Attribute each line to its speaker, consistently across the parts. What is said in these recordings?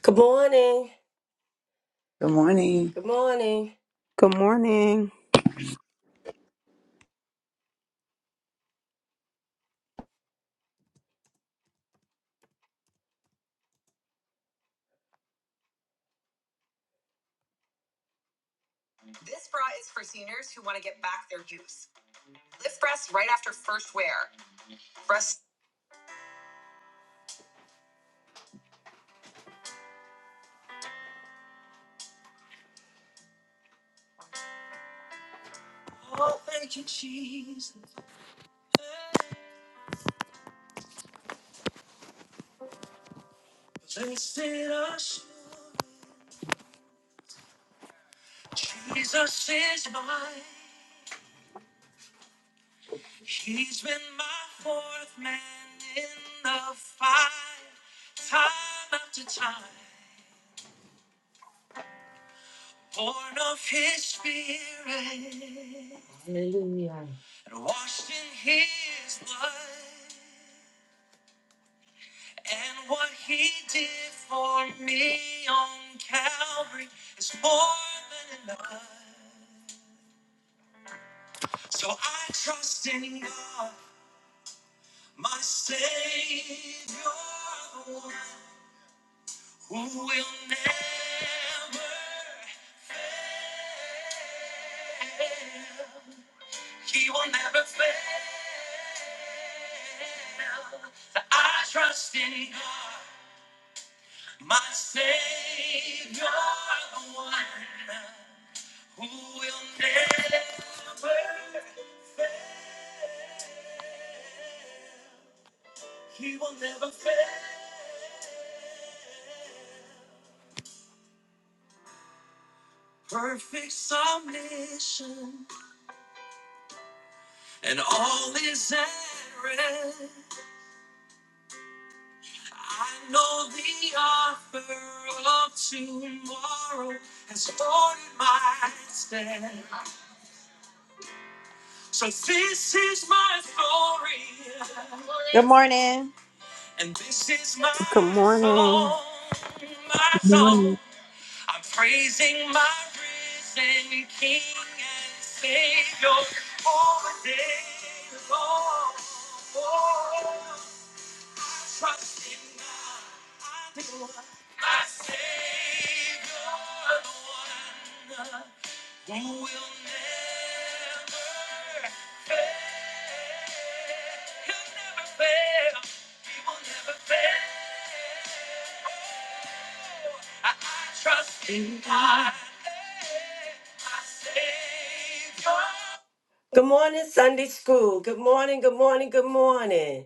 Speaker 1: Good morning.
Speaker 2: Good morning.
Speaker 1: Good morning.
Speaker 3: Good morning.
Speaker 1: Oh, thank you, Jesus. Blessed assurance, Jesus is mine. He's been my fourth man in the fire, time after time. Born of His Spirit and washed in His blood. And what he did for me on Calvary is more than enough. So I trust in God, my Savior, the one who will never fail. He will never fail. So I trust in God, my Savior, the one. Who will never, he will never fail. Perfect submission, and all is at rest. I know the offer of tomorrow has ordered my step. So this is my story,
Speaker 4: Good morning.
Speaker 1: and this is my
Speaker 3: Good morning.
Speaker 1: song, my song.
Speaker 5: morning.
Speaker 1: I'm praising my risen King and Savior all the day long. Oh, I trust in God, I do. my Savior, the one who will never fail. He'll never fail. He will never fail. I, I trust in God, my Savior. Good morning, Sunday school. Good morning, good morning, good morning.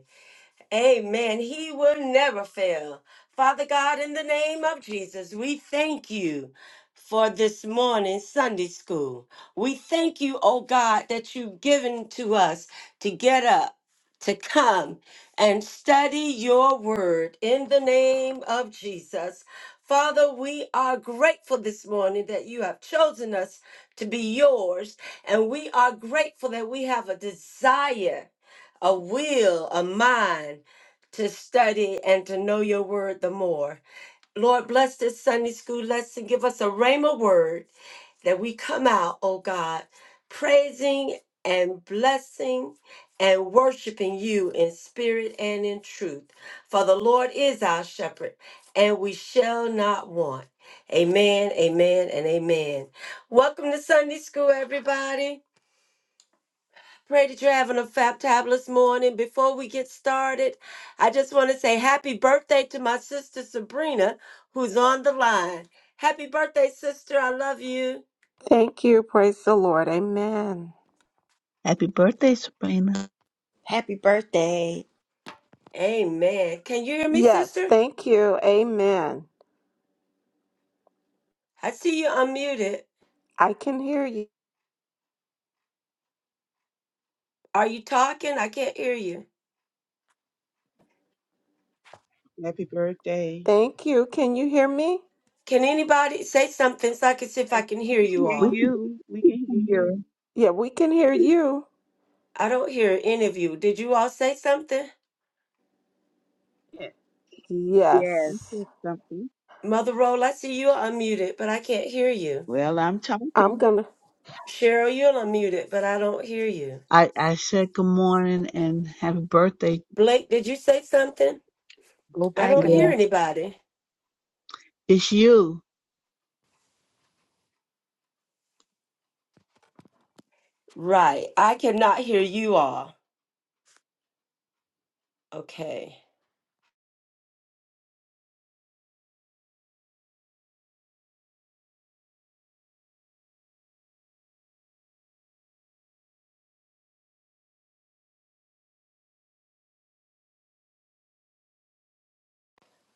Speaker 1: Amen. He will never fail. Father God, in the name of Jesus, we thank you for this morning Sunday school. We thank you, oh God, that you've given to us to get up, to come and study your word in the name of Jesus. Father, we are grateful this morning that you have chosen us to be yours, and we are grateful that we have a desire, a will, a mind to study and to know your word the more. Lord, bless this Sunday school lesson. Give us a rhema word that we come out, oh God, praising and blessing and worshiping you in spirit and in truth. For the Lord is our shepherd, and we shall not want. Amen, amen, and amen. Welcome to Sunday school, everybody. Pray that you're having a fabulous morning. Before we get started, I just want to say happy birthday to my sister Sabrina, who's on the line. Happy birthday, sister. I love you.
Speaker 3: Thank you. Praise the Lord. Amen.
Speaker 5: Happy birthday, Sabrina.
Speaker 4: Happy birthday.
Speaker 1: Amen. Can you hear me,
Speaker 3: Yes,
Speaker 1: sister?
Speaker 3: thank you. Amen.
Speaker 1: I see you unmuted.
Speaker 3: I can hear you.
Speaker 1: Are you talking? I can't hear you.
Speaker 6: Happy birthday.
Speaker 3: Thank you. Can you hear me?
Speaker 1: Can anybody say something so I can see if I
Speaker 6: Yes,
Speaker 1: can hear
Speaker 6: We can
Speaker 1: you
Speaker 6: hear
Speaker 5: We
Speaker 1: all?
Speaker 6: you. We can hear
Speaker 5: can hear. her.
Speaker 6: you.
Speaker 3: Yeah, we can hear you.
Speaker 1: I don't hear any of you. Did you all say something?
Speaker 6: Yes,
Speaker 5: Yeah.
Speaker 6: you
Speaker 3: Yes.
Speaker 6: said something.
Speaker 1: Mother Roll, I see you unmuted, but I can't hear you.
Speaker 6: Well, I'm
Speaker 3: I'm
Speaker 6: talking.
Speaker 3: going
Speaker 1: Cheryl, you're unmuted, but I don't hear you.
Speaker 5: I, I said good morning and happy birthday.
Speaker 1: Blake, did you say something?
Speaker 6: Go
Speaker 1: I
Speaker 6: back
Speaker 1: don't
Speaker 5: Yeah.
Speaker 6: on.
Speaker 1: hear anybody.
Speaker 5: It's you.
Speaker 1: Right. I cannot hear you all. Okay.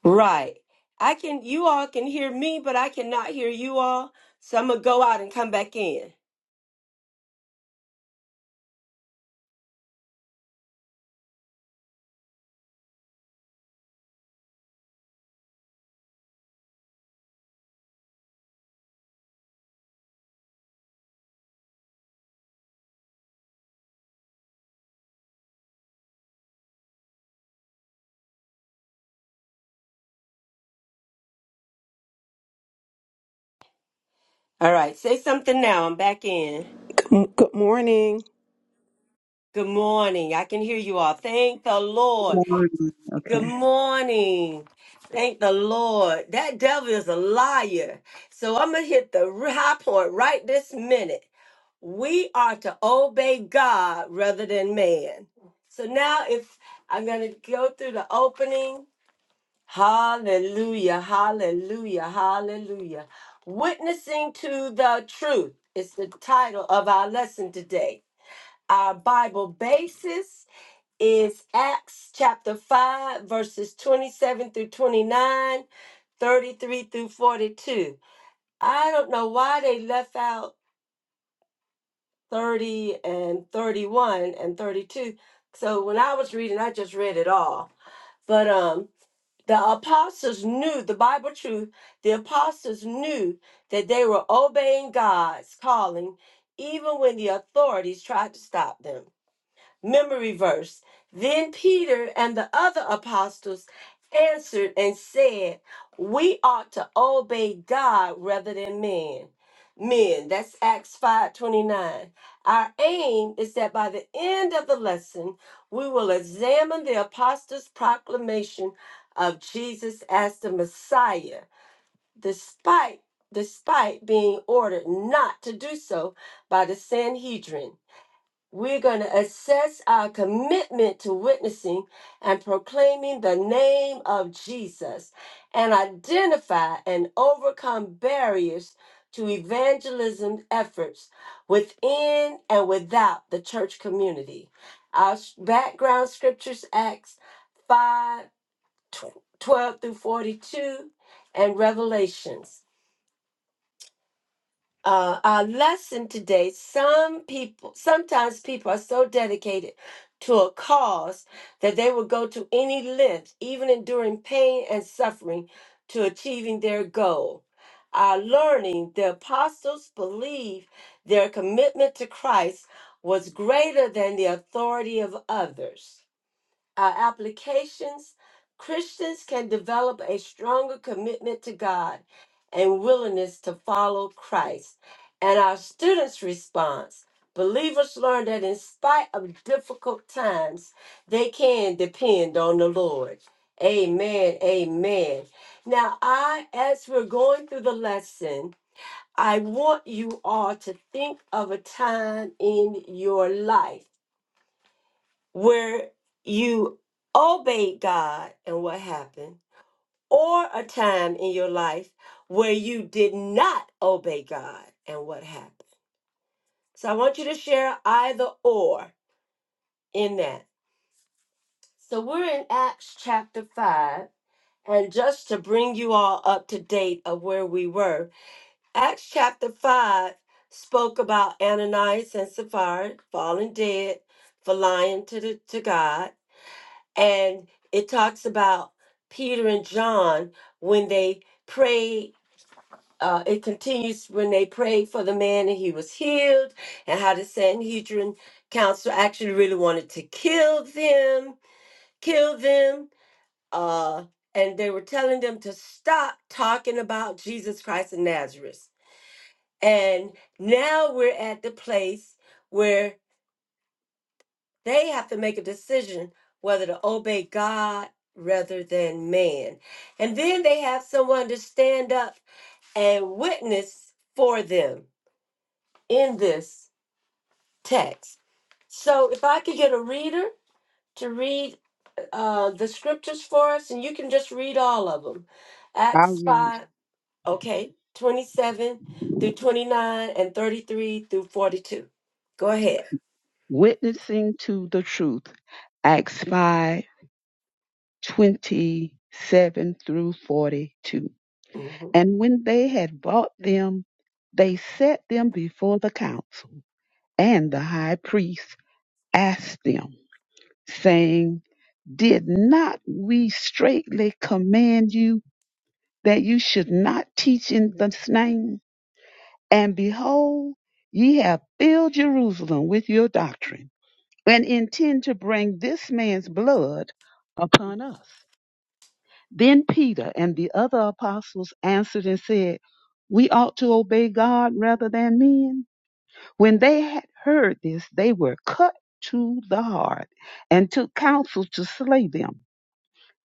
Speaker 1: Right. I can you all can hear me, but I cannot hear you all. So I'm gonna go out and come back in. All right, say something now. I'm back in.
Speaker 3: to. Good morning.
Speaker 1: Good morning. I can hear you all. Thank the Lord.
Speaker 5: Good morning.
Speaker 1: Good morning. Thank the Lord. That devil is a liar. So I'm gonna hit the high point right this minute. we are to obey God rather than man. So now, if I'm going to go through the opening, hallelujah, hallelujah, hallelujah. Witnessing to the truth is the title of our lesson today. Our Bible basis is Acts chapter 5, verses 27 through 29, 33 through 42. I don't know why they left out 30 and 31 and 32. So when I was reading, I just read it all. But um the apostles knew the Bible truth. The apostles knew that they were obeying God's calling even when the authorities tried to stop them. Memory verse. Then Peter and the other apostles answered and said, We ought to obey God rather than men. Men, that's Acts 5:29. Our aim is that by the end of the lesson, we will examine the apostles' proclamation of Jesus as the Messiah, despite despite being ordered not to do so by the Sanhedrin we're going to assess our commitment to witnessing and proclaiming the name of Jesus and identify and overcome barriers to evangelism efforts within and without the church community. Our s- background scriptures, Acts 5 tw- 12 through 42, and Revelations uh, our lesson today some people sometimes people are so dedicated to a cause that they will go to any length even enduring pain and suffering to achieving their goal our learning the apostles believed their commitment to christ was greater than the authority of others our applications, Christians can develop a stronger commitment to God and willingness to follow Christ. And our students' response believers learn that in spite of difficult times, they can depend on the Lord. Amen. Amen. Now, I, as we're going through the lesson, I want you all to think of a time in your life where you obeyed God and what happened, or a time in your life where you did not obey God and what happened. So I want you to share either or in that. So we're in Acts chapter 5. And just to bring you all up to date of where we were, Acts chapter 5 spoke about Ananias and Sapphira falling dead for lying to, the, to God and it talks about Peter and John when they prayed. Uh, it continues when they prayed for the man and he was healed, and how the Sanhedrin council actually really wanted to kill them, kill them, uh, and they were telling them to stop talking about Jesus Christ of Nazareth. And now we're at the place where They have to make a decision whether to obey God rather than man. And then they have someone to stand up and witness for them in this text. So if I could get a reader to read uh, the scriptures for us, and you can just read all of them
Speaker 6: I
Speaker 1: Acts
Speaker 6: read
Speaker 1: 5, okay, 27 through 29 and 33 through 42. Go ahead.
Speaker 6: Witnessing to the Truth, Acts 5 27 through 42.
Speaker 1: Mhm.
Speaker 6: And when they had brought them, they set them before the council. And the high priest asked them, saying, Did not we straitly command you? that you should not teach in this name. And behold, ye have filled Jerusalem with your doctrine, and intend to bring this man's blood upon us. Then Peter and the other apostles answered and said, We ought to obey God rather than men. When they had heard this, they were cut to the heart and took counsel to slay them.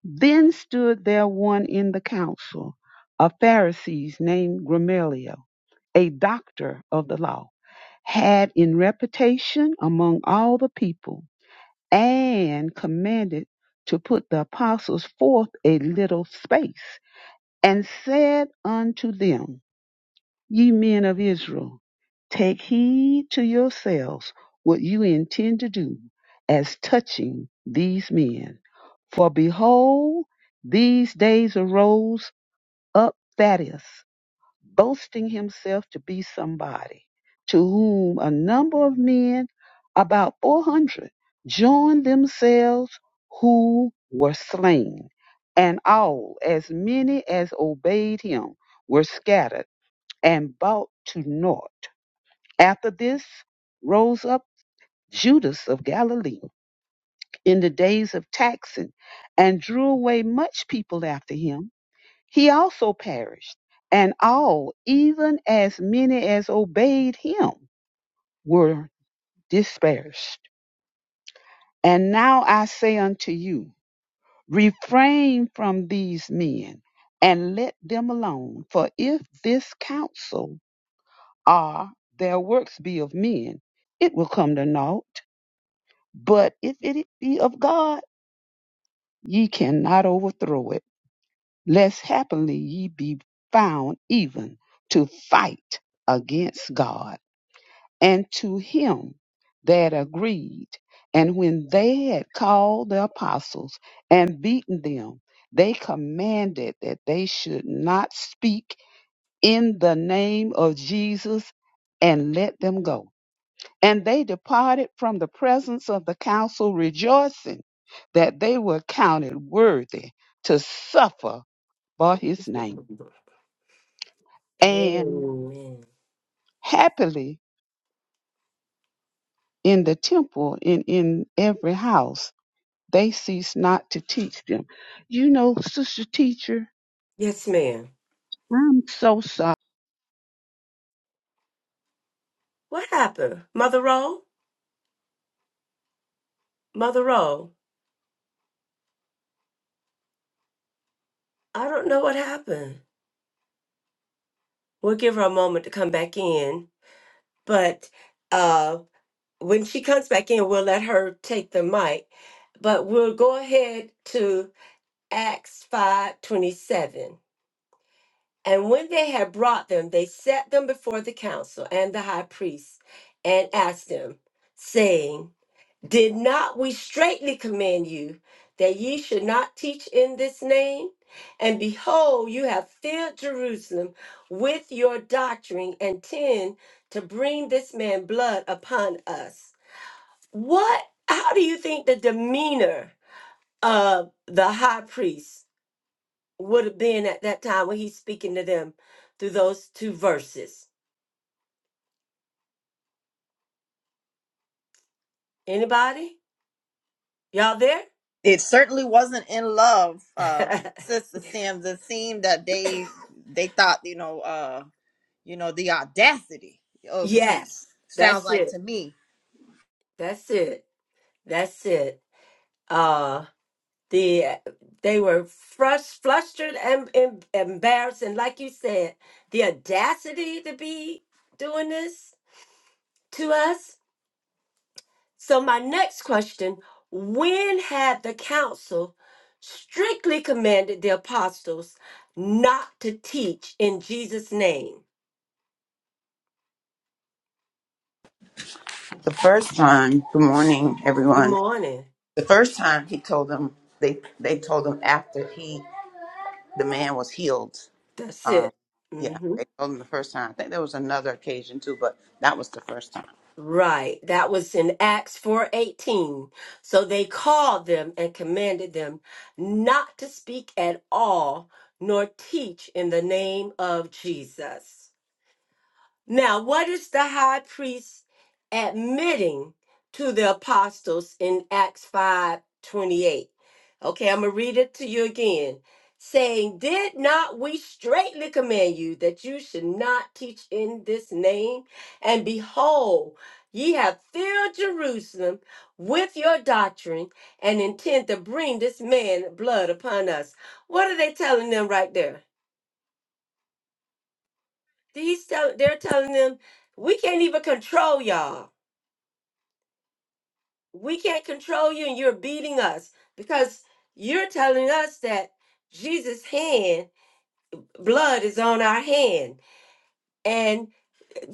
Speaker 6: Then stood there one in the council, a Pharisee named Gamaliel a doctor of the law, had in reputation among all the people, and commanded to put the apostles forth a little space, and said unto them, Ye men of Israel, take heed to yourselves what you intend to do as touching these men. For behold, these days arose up Thaddeus boasting himself to be somebody, to whom a number of men, about 400, joined themselves who were slain. And all, as many as obeyed him, were scattered and brought to naught. After this rose up Judas of Galilee in the days of taxing and drew away much people after him he also perished, and all, even as many as obeyed him, were dispersed. And now I say unto you, refrain from these men and let them alone. For if this counsel are their works be of men, it will come to naught. But if it be of God, ye cannot overthrow it, lest happily ye be found even to fight against God. and to him that agreed. And when they had called the apostles and beaten them, they commanded that they should not speak in the name of Jesus and let them go. And they departed from the presence of the council, rejoicing that they were counted worthy to suffer for his name. And
Speaker 1: Amen.
Speaker 6: happily in the temple, in, in every house, they cease not to teach them. You know, sister teacher,
Speaker 1: Yes, ma'am.
Speaker 6: I'm so sorry.
Speaker 1: What happened? Mother Roll? Mother Roll. I don't know what happened. We'll give her a moment to come back in. But uh, when she comes back in, we'll let her take the mic. But we'll go ahead to Acts five twenty-seven. And when they had brought them, they set them before the council and the high priest and asked them, saying, Did not we straitly command you that ye should not teach in this name? And behold, you have filled Jerusalem with your doctrine and tend to bring this man blood upon us. What, how do you think the demeanor of the high priest would have been at that time when he's speaking to them through those two verses? Anybody? Y'all there?
Speaker 4: It certainly wasn't in love, uh, Sister Sims. It seemed that they they thought, you know, uh, you know, the audacity of you
Speaker 1: yes,
Speaker 4: sounds
Speaker 1: that's
Speaker 4: like
Speaker 1: it.
Speaker 4: to me.
Speaker 1: That's it. That's it. uh the they were frus- flustered and, and embarrassed and like you said the audacity to be doing this to us so my next question when had the council strictly commanded the apostles not to teach in jesus name
Speaker 2: The first time, good morning,
Speaker 1: good
Speaker 2: everyone.
Speaker 1: morning
Speaker 2: The first time he told them, they they told him after he, the man was healed.
Speaker 1: that's
Speaker 2: Um,
Speaker 1: it
Speaker 2: yeah,
Speaker 1: Mm-hmm.
Speaker 2: they told him the first time. I think there was another occasion too, but that was the first time.
Speaker 1: Right. That was in Acts 4:18. So they called them and commanded them not to speak at all nor teach in the name of Jesus. Now, what is the high priest admitting to the apostles in Acts 5 28? Okay, I'm going to read it to you again. Saying, Did not we straightly command you that you should not teach in this name? And behold, ye have filled Jerusalem with your doctrine and intend to bring this man blood upon us. What are they telling them right there? These tell, they're telling them, we can't even control y'all. We can't control you, and you're beating us because you're telling us that Jesus' hand, blood is on our hand. And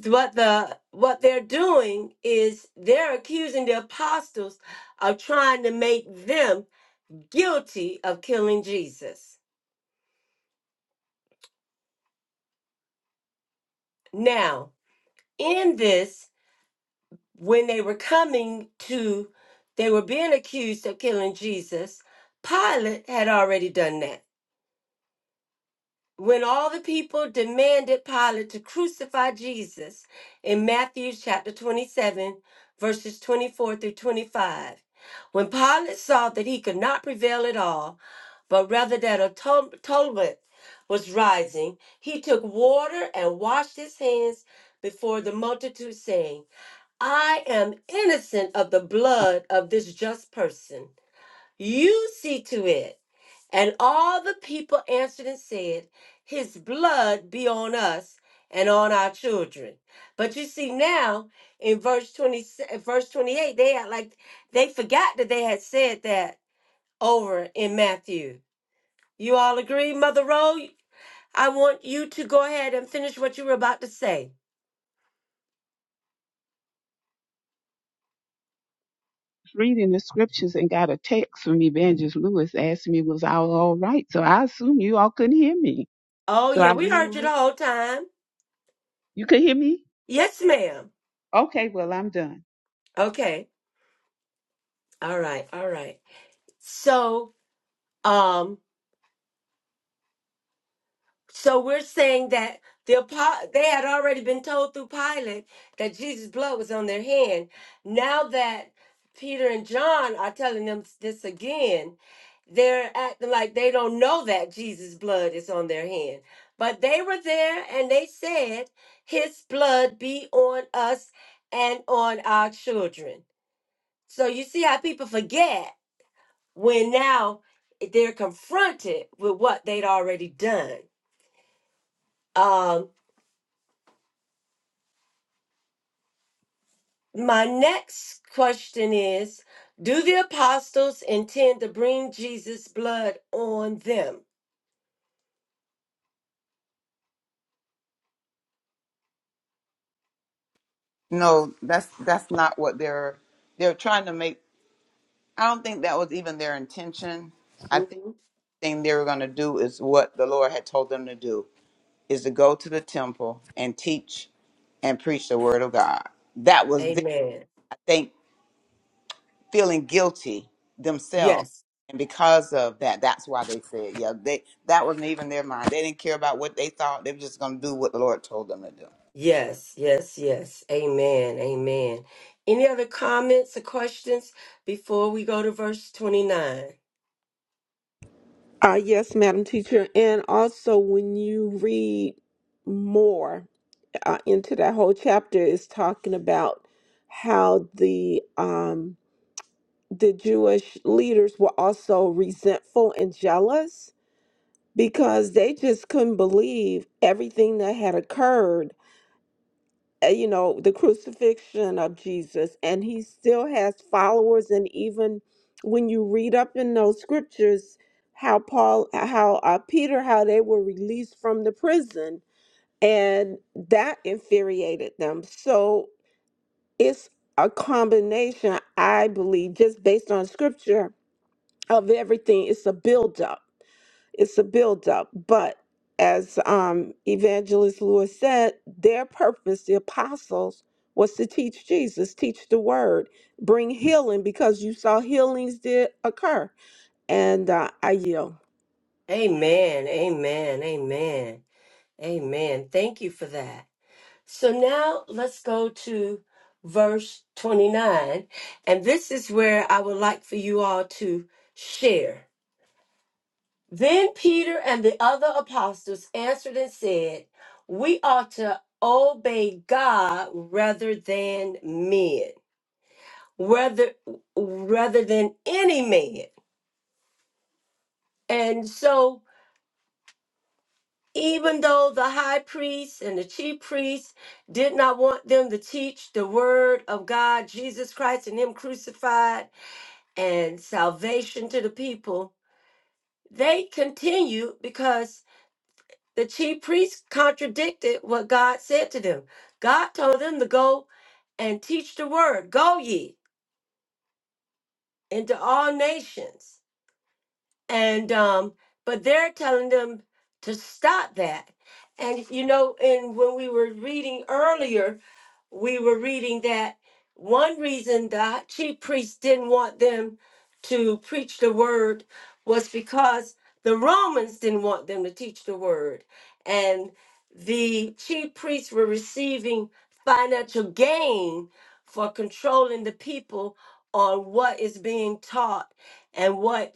Speaker 1: what the what they're doing is they're accusing the apostles of trying to make them guilty of killing Jesus. Now, in this when they were coming to, they were being accused of killing Jesus, Pilate had already done that. When all the people demanded Pilate to crucify Jesus in Matthew chapter 27, verses 24 through 25, when Pilate saw that he could not prevail at all, but rather that a tum- tumult was rising, he took water and washed his hands before the multitude, saying, I am innocent of the blood of this just person. You see to it. And all the people answered and said, His blood be on us and on our children. But you see now in verse 20, verse 28, they act like they forgot that they had said that over in Matthew. You all agree, Mother Rowe? I want you to go ahead and finish what you were about to say.
Speaker 6: Reading the scriptures and got a text from Evangelist Lewis asking me was I all right. So I assume you all couldn't hear me.
Speaker 1: Oh,
Speaker 6: So I
Speaker 1: yeah, we
Speaker 6: went
Speaker 1: heard you the
Speaker 6: out.
Speaker 1: whole time.
Speaker 6: You could hear me?
Speaker 1: Yes, ma'am.
Speaker 6: Okay, well I'm done.
Speaker 1: Okay. All right, all right. So, um, so we're saying that the apo- they had already been told through Pilate that Jesus' blood was on their hand. Now that Peter and John are telling them this again, they're acting like they don't know that Jesus' blood is on their hand. But they were there and they said, His blood be on us and on our children. So you see how people forget when now they're confronted with what they'd already done. Um, my next question is Do the apostles intend to bring Jesus' blood on them?
Speaker 2: No, that's that's not what they're they're trying to make. I don't think that was even their intention. I think
Speaker 1: Mhm.
Speaker 2: the thing they were going to do is what the Lord had told them to do is to go to the temple and teach and preach the word of God. That was their,
Speaker 1: Amen.
Speaker 2: I think. feeling guilty themselves.
Speaker 1: Yes,
Speaker 2: And because of that, that's why they said, yeah, they that wasn't even their mind. They didn't care about what they thought. They were just gonna do what the Lord told them to do.
Speaker 1: yes, yes, yes. Amen, amen. Any other comments or questions before we go to verse 29?
Speaker 3: Uh, yes, Madam Teacher. And also, when you read more uh, into that whole chapter, it's talking about how the. um. the Jewish leaders were also resentful and jealous because they just couldn't believe everything that had occurred. Uh, You know, the crucifixion of Jesus, and he still has followers. And even when you read up in those scriptures, how Paul, how uh, Peter, how they were released from the prison, and that infuriated them. So it's a combination, I believe, just based on scripture of everything. It's a buildup. It's a buildup. But as um, Evangelist Lewis said, their purpose, the apostles, was to teach Jesus, teach the word, bring healing because you saw healings did occur. And uh, I yield.
Speaker 1: Amen, amen, amen, amen. Thank you for that. So now let's go to verse 29. And this is where I would like for you all to share. Then Peter and the other apostles answered and said, We ought to obey God rather than men, rather rather than any man. And so even though the high priest and the chief priests did not want them to teach the word of God, Jesus Christ, and Him crucified and salvation to the people, they continued because the chief priests contradicted what God said to them. God told them to go and teach the word, go ye into all nations. And, um, but they're telling them to stop that. And, you know, and when we were reading earlier, we were reading that one reason the chief priests didn't want them to preach the word was because the Romans didn't want them to teach the word. And the chief priests were receiving financial gain for controlling the people on what is being taught and what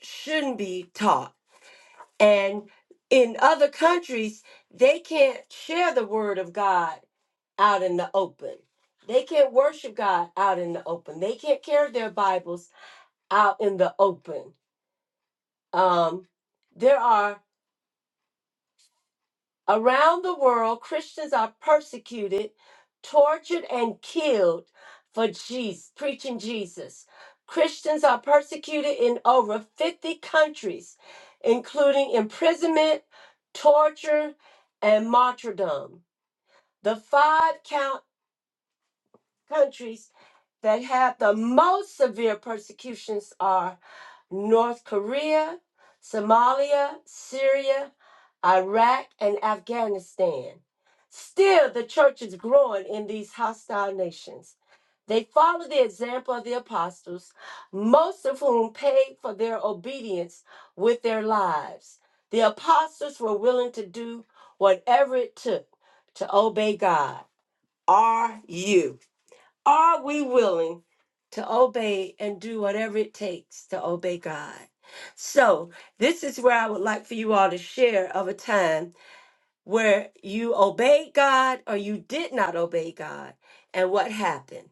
Speaker 1: shouldn't be taught. And in other countries, they can't share the word of God out in the open. They can't worship God out in the open. They can't carry their Bibles out in the open. Um, there are around the world, Christians are persecuted, tortured, and killed for Jesus, preaching Jesus. Christians are persecuted in over 50 countries, including imprisonment, torture, and martyrdom. The five count countries that have the most severe persecutions are North Korea, Somalia, Syria, Iraq, and Afghanistan. Still, the church is growing in these hostile nations. They follow the example of the apostles, most of whom paid for their obedience with their lives. The apostles were willing to do whatever it took to obey God. Are you? Are we willing to obey and do whatever it takes to obey God? So, this is where I would like for you all to share of a time where you obeyed God or you did not obey God and what happened.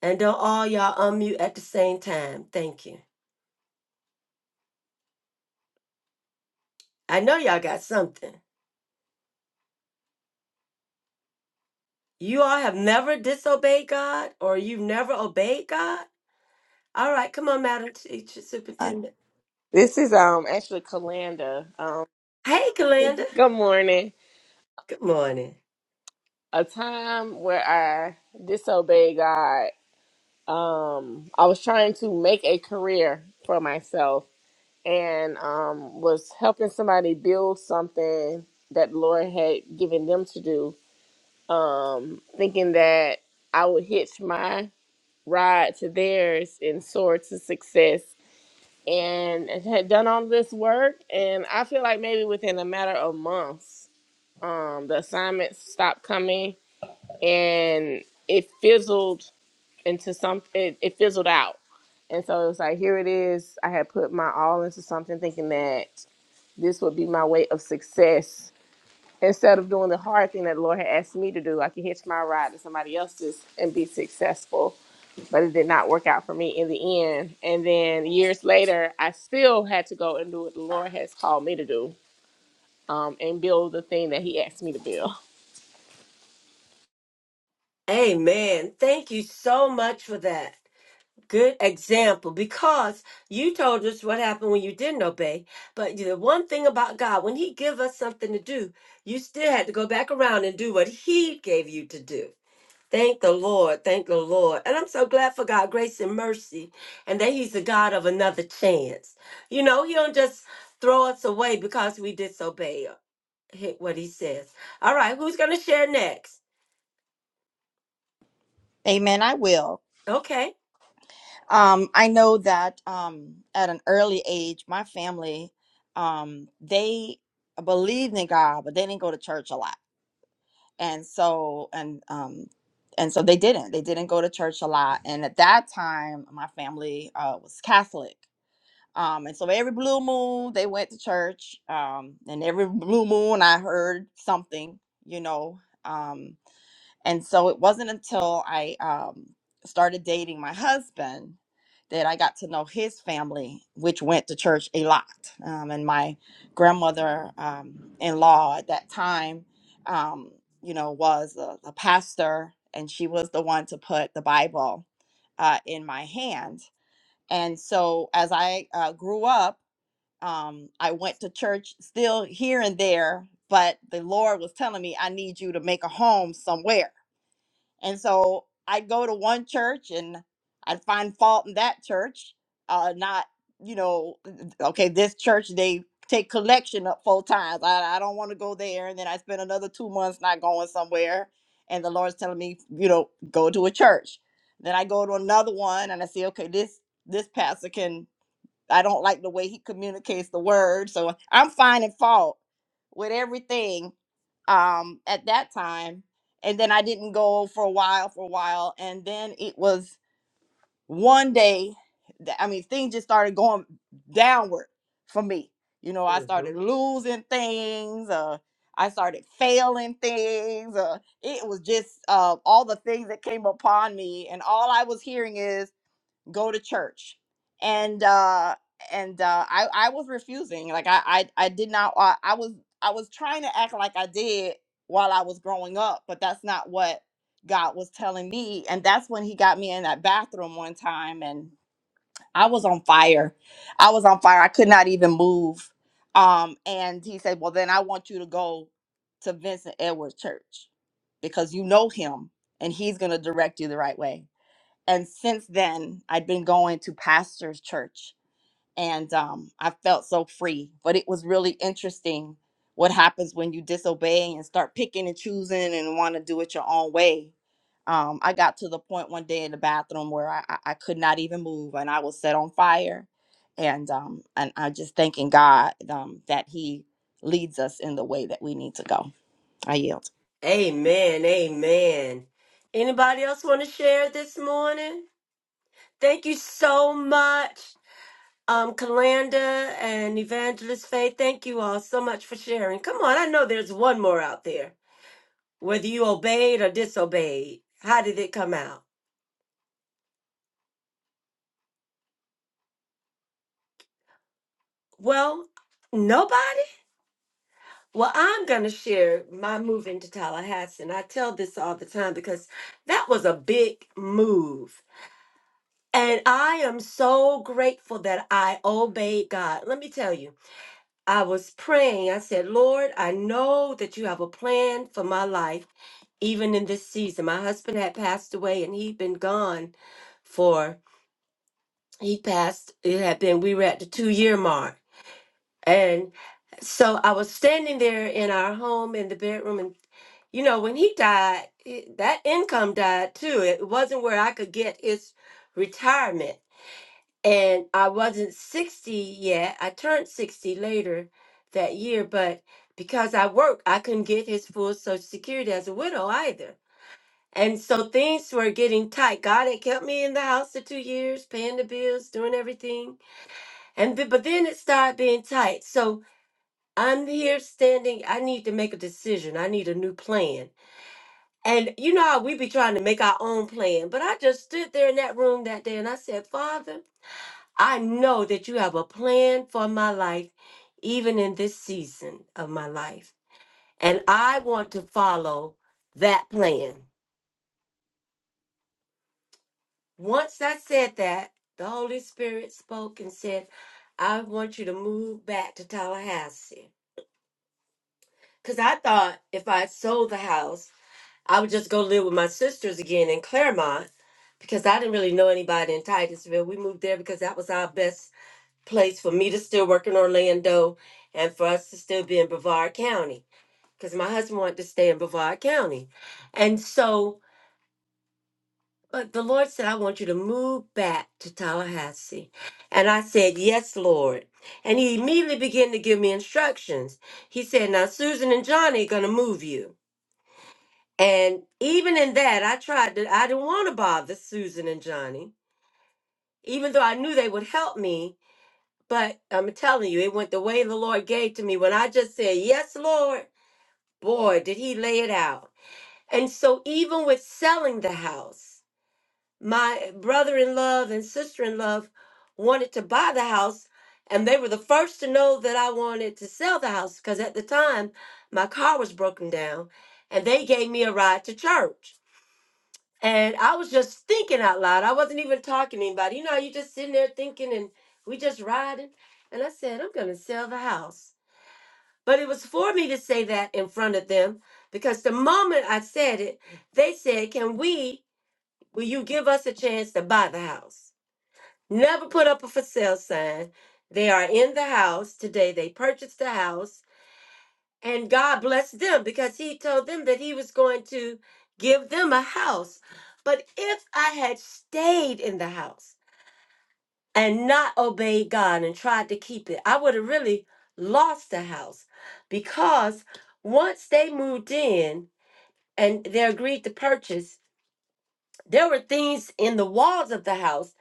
Speaker 1: And don't all y'all unmute at the same time. Thank you. I know y'all got something. You all have never disobeyed God or you've never obeyed God? All right, come on, Madam Teacher
Speaker 4: Uh,
Speaker 1: Superintendent.
Speaker 2: This is um actually Kalanda. Um,
Speaker 1: Hey, Kalanda.
Speaker 2: good morning.
Speaker 1: Good morning.
Speaker 2: A time where I disobeyed God. Um, I was trying to make a career for myself and um was helping somebody build something that the Lord had given them to do. um, thinking that I would hitch my ride to theirs and soar to success. And I had done all this work, and I feel like maybe within a matter of months, um, the assignments stopped coming, and it fizzled into some. It, it fizzled out, and so it was like here it is. I had put my all into something, thinking that this would be my way of success, instead of doing the hard thing that the Lord had asked me to do, I could hitch my ride to somebody else's and be successful. But it did not work out for me in the end. And then years later, I still had to go and do what the Lord has called me to do um, and build the thing that He asked me to build.
Speaker 1: Amen. Thank you so much for that. Good example because you told us what happened when you didn't obey. But the one thing about God, when He give us something to do, you still had to go back around and do what He gave you to do. Thank the Lord. Thank the Lord. And I'm so glad for God' grace and mercy and that He's the God of another chance. You know, He don't just throw us away because we disobey uh, he- what He says. All right, who's going to share next?
Speaker 4: amen. I will.
Speaker 1: Okay.
Speaker 4: Um, I know that um, at an early age, my family um, they believed in God, but they didn't go to church a lot and so and um and so they didn't they didn't go to church a lot and at that time my family uh was catholic um and so every blue moon they went to church um and every blue moon i heard something you know um and so it wasn't until I um, started dating my husband that I got to know his family, which went to church a lot. Um, and my grandmother um, in law at that time, um, you know, was a, a pastor, and she was the one to put the Bible uh, in my hand. And so as I uh, grew up, um, I went to church still here and there, but the Lord was telling me, I need you to make a home somewhere and so I'd go to one church and I'd find fault in that church, uh, not, you know, okay, this church, they take collection up four times. I, I don't want to go there. And then I spend another two months not going somewhere. And the Lord's telling me, you know, go to a church. Then I go to another one and I see, okay, this this pastor can I don't like the way he communicates the word. So I'm finding fault with everything um, at that time. And then I didn't go for a while, for a while. And then it was one day that, I mean, things just started going downward for me. You know, I started losing things. Uh, I started failing things. Uh, it was just uh, all the things that came upon me. And all I was hearing is, go to church and uh and uh i i was refusing like i i, I did not I, I was i was trying to act like i did while i was growing up but that's not what god was telling me and that's when he got me in that bathroom one time and i was on fire i was on fire i could not even move um and he said well then i want you to go to vincent edwards church because you know him and he's going to direct you the right way and since then i'd been going to pastor's church and um, i felt so free but it was really interesting what happens when you disobey and start picking and choosing and want to do it your own way um, i got to the point one day in the bathroom where i, I I could not even move and i was set on fire and um, and i'm just thanking god um, that he leads us in the way that we need to go i yield
Speaker 1: Amen. Amen. Anybody else want to share this morning? Thank you so much, um, Kalanda and Evangelist Faith. Thank you all so much for sharing. Come on, I know there's one more out there. Whether you obeyed or disobeyed, how did it come out? Well, nobody. Well, I'm going to share my move into Tallahassee. And I tell this all the time because that was a big move And I am so grateful that I obeyed God. Let me tell you, I was praying. I said, Lord, I know that you have a plan for my life, even in this season. My husband had passed away and he'd been gone for, he passed, it had been, we were at the two year mark. And so I was standing there in our home in the bedroom. And, you know, when he died, it- that income died too. It wasn't where I could get his retirement. and I wasn't 60 yet. I turned 60 later that year, but because I worked, I couldn't get his full Social Security as a widow either. And so things were getting tight. God had kept me in the house for two years, paying the bills, doing everything. And th- but then it started being tight. So I'm here standing. I need to make a decision. I need a new plan. And you know how we be trying to make our own plan. But I just stood there in that room that day and I said, Father, I know that you have a plan for my life, even in this season of my life. And I want to follow that plan. Once I said that, the Holy Spirit spoke and said, I want you to move back to Tallahassee. Because I thought if I sold the house, I would just go live with my sisters again in Claremont because I didn't really know anybody in Titusville. We moved there because that was our best place for me to still work in Orlando and for us to still be in Brevard County because my husband wanted to stay in Brevard County. And so, but the Lord said, I want you to move back to Tallahassee. And I said, Yes, Lord. And he immediately began to give me instructions. He said, Now, Susan and Johnny are going to move you. And even in that, I tried to, I didn't want to bother Susan and Johnny, even though I knew they would help me But I'm telling you, it went the way the Lord gave to me. When I just said, Yes, Lord, boy, did he lay it out. And so, even with selling the house, my brother in love and sister in love wanted to buy the house. And they were the first to know that I wanted to sell the house because at the time my car was broken down and they gave me a ride to church. And I was just thinking out loud. I wasn't even talking to anybody. You know, you just sitting there thinking and we just riding. And I said, I'm going to sell the house. But it was for me to say that in front of them because the moment I said it, they said, Can we, will you give us a chance to buy the house? Never put up a for sale sign. They are in the house today. They purchased the house and God blessed them because he told them that he was going to give them a house. But if I had stayed in the house and not obeyed God and tried to keep it, I would have really lost the house because once they moved in and they agreed to purchase, there were things in the walls of the house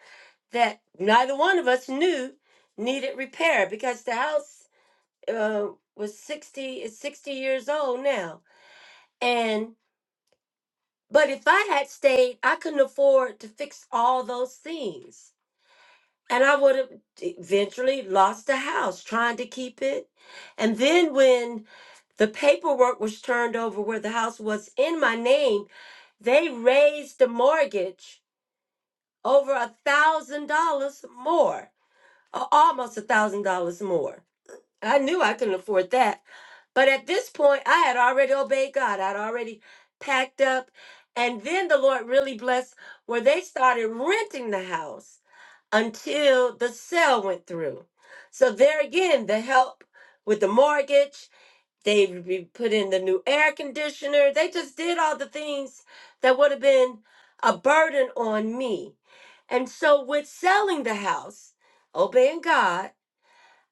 Speaker 1: that neither one of us knew needed repair because the house uh, was 60 is 60 years old now and But if I had stayed, I couldn't afford to fix all those things. And I would have eventually lost the house trying to keep it. And then when the paperwork was turned over where the house was in my name, they raised the mortgage over a thousand dollars more, a- almost a thousand dollars more. I knew I couldn't afford that. But at this point, I had already obeyed God. I'd already packed up. And then the Lord really blessed where they started renting the house until the sale went through. So there again, the help with the mortgage, they re- put in the new air conditioner. They just did all the things that would have been a burden on me. And so with selling the house, obeying God,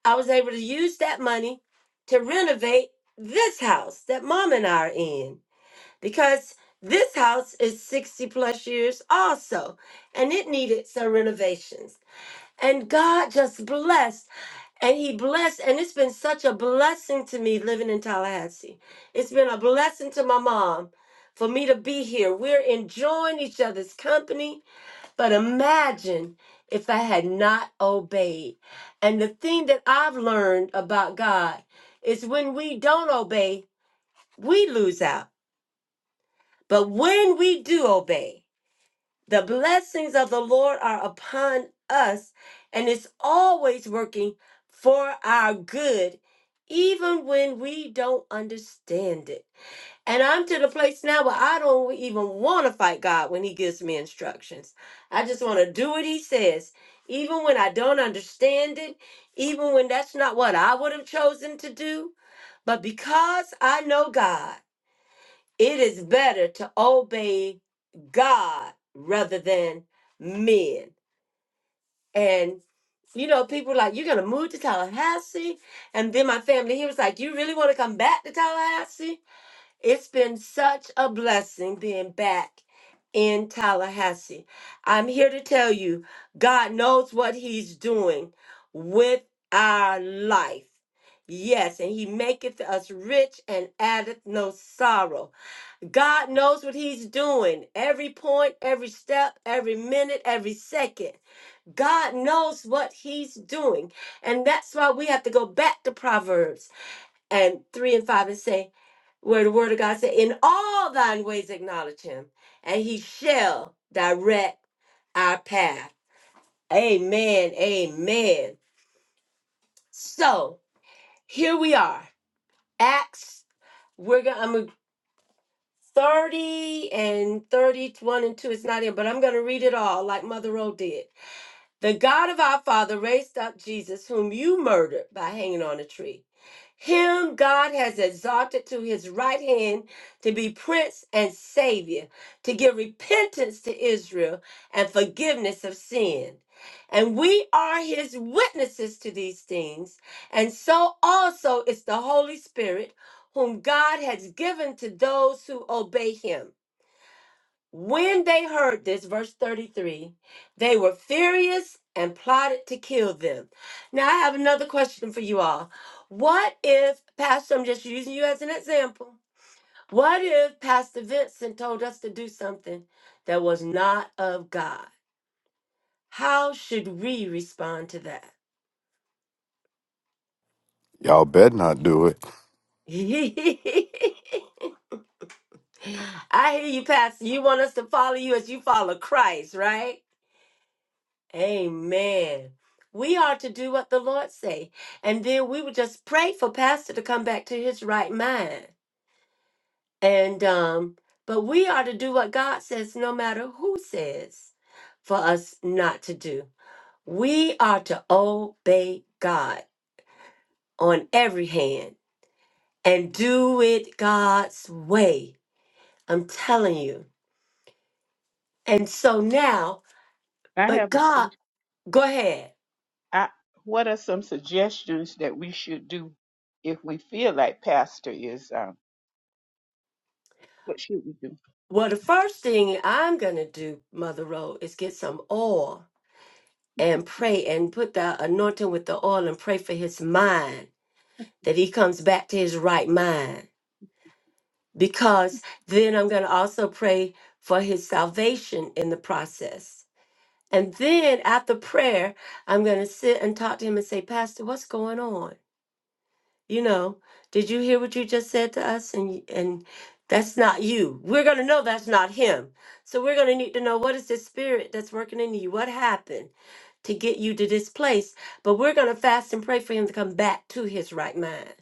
Speaker 1: I was able to use that money to renovate this house that mom and I are in because this house is 60 plus years also and it needed some renovations. And God just blessed and He blessed, and it's been such a blessing to me living in Tallahassee. It's been a blessing to my mom for me to be here. We're enjoying each other's company but imagine if I had not obeyed. And the thing that I've learned about God is when we don't obey, we lose out. But when we do obey, the blessings of the Lord are upon us, and it's always working for our good, even when we don't understand it. And I'm to the place now where I don't even want to fight God when He gives me instructions. I just want to do what He says, even when I don't understand it, even when that's not what I would have chosen to do. But because I know God, it is better to obey God rather than men. And you know, people were like, You're gonna move to Tallahassee. And then my family, he was like, You really wanna come back to Tallahassee? It's been such a blessing being back in Tallahassee. I'm here to tell you, God knows what He's doing with our life. Yes, and He maketh us rich and addeth no sorrow. God knows what He's doing every point, every step, every minute, every second. God knows what He's doing. And that's why we have to go back to Proverbs and 3 and 5 and say, where the word of God said, In all thine ways acknowledge him, and he shall direct our path. Amen. Amen. So here we are. Acts, we're gonna I'm gonna- 30 and 31 and 2. It's not in, but I'm gonna read it all like Mother Rowe did. The God of our Father raised up Jesus, whom you murdered by hanging on a tree. Him God has exalted to his right hand to be prince and savior, to give repentance to Israel and forgiveness of sin. And we are his witnesses to these things, and so also is the Holy Spirit, whom God has given to those who obey him. When they heard this, verse 33, they were furious and plotted to kill them. Now, I have another question for you all. What if, Pastor, I'm just using you as an example. What if Pastor Vincent told us to do something that was not of God? How should we respond to that?
Speaker 7: Y'all bet not do it.
Speaker 1: I hear you, Pastor. You want us to follow you as you follow Christ, right? Amen. We are to do what the Lord say, and then we would just pray for Pastor to come back to his right mind. And um, but we are to do what God says, no matter who says for us not to do. We are to obey God on every hand and do it God's way. I'm telling you. And so now,
Speaker 6: I
Speaker 1: but
Speaker 6: have a
Speaker 1: God,
Speaker 6: question.
Speaker 1: go ahead.
Speaker 6: I, what are some suggestions that we should do if we feel like pastor is um, what should we do?
Speaker 1: Well, the first thing I'm going to do, Mother Road, is get some oil and pray and put the anointing with the oil and pray for his mind that he comes back to his right mind. Because then I'm going to also pray for his salvation in the process. And then after prayer, I'm going to sit and talk to him and say, Pastor, what's going on? You know, did you hear what you just said to us? And and that's not you. We're gonna know that's not him. So we're gonna need to know what is this spirit that's working in you? What happened to get you to this place? But we're gonna fast and pray for him to come back to his right mind.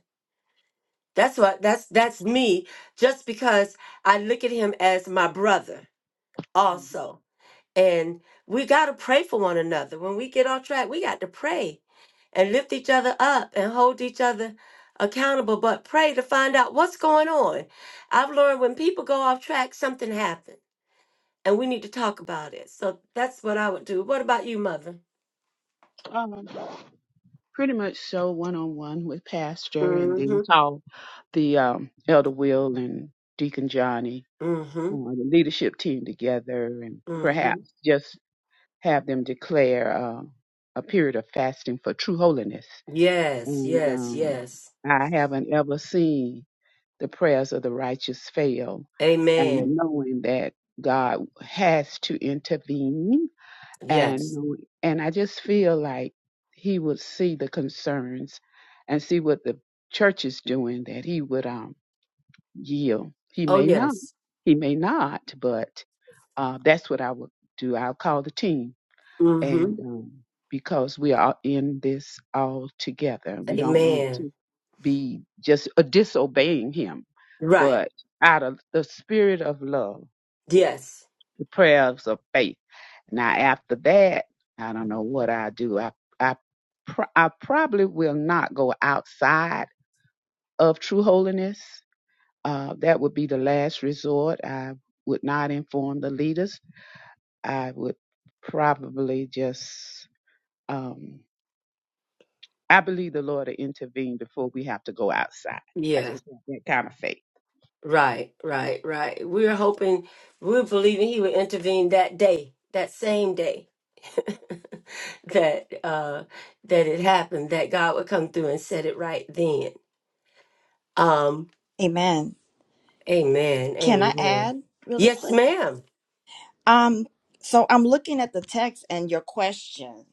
Speaker 1: That's what that's that's me, just because I look at him as my brother
Speaker 6: Mm-hmm.
Speaker 1: also. And we gotta pray for one another. When we get off track, we got to pray and lift each other up and hold each other accountable, but pray to find out what's going on. I've learned when people go off track, something happened, and we need to talk about it. So that's what I would do. What about you, Mother?
Speaker 6: Um, pretty much so one on one with Pastor, and
Speaker 1: Mm-hmm.
Speaker 6: then call the um, Elder Will and Deacon Johnny,
Speaker 1: Mm-hmm.
Speaker 6: uh, the leadership team together, and
Speaker 1: Mm-hmm.
Speaker 6: perhaps just have them declare uh, a period of fasting for true holiness.
Speaker 1: Yes,
Speaker 6: and
Speaker 1: yes,
Speaker 6: um,
Speaker 1: yes.
Speaker 6: I haven't ever seen the prayers of the righteous fail.
Speaker 1: Amen.
Speaker 6: And knowing that God has to intervene, and
Speaker 1: Yes.
Speaker 6: knowing- and I just feel like He would see the concerns and see what the church is doing, that He would um yield. He
Speaker 1: Oh,
Speaker 6: may not.
Speaker 1: yes.
Speaker 6: He may not, but uh, that's what I would do. I'll call the team
Speaker 1: Mm-hmm.
Speaker 6: and um, because we are in this all together, we don't want
Speaker 1: Amen.
Speaker 6: to be just uh, disobeying Him,
Speaker 1: Right.
Speaker 6: but out of the spirit of love,
Speaker 1: Yes.
Speaker 6: the prayers of faith. Now, after that, I don't know what I do. I I pr- I probably will not go outside of true holiness. Uh, that would be the last resort. I would not inform the leaders. I would probably just. Um, I believe the Lord will intervene before we have to go outside. I
Speaker 1: Yeah.
Speaker 6: just want that kind of faith.
Speaker 1: Right, right, right. We're hoping, we're believing he would intervene that day, that same day that uh that it happened that god would come through and set it right then um
Speaker 4: amen
Speaker 1: amen
Speaker 4: can i
Speaker 1: amen
Speaker 4: add really
Speaker 1: yes
Speaker 4: quick
Speaker 1: ma'am
Speaker 4: Um, so I'm looking at the text and your question,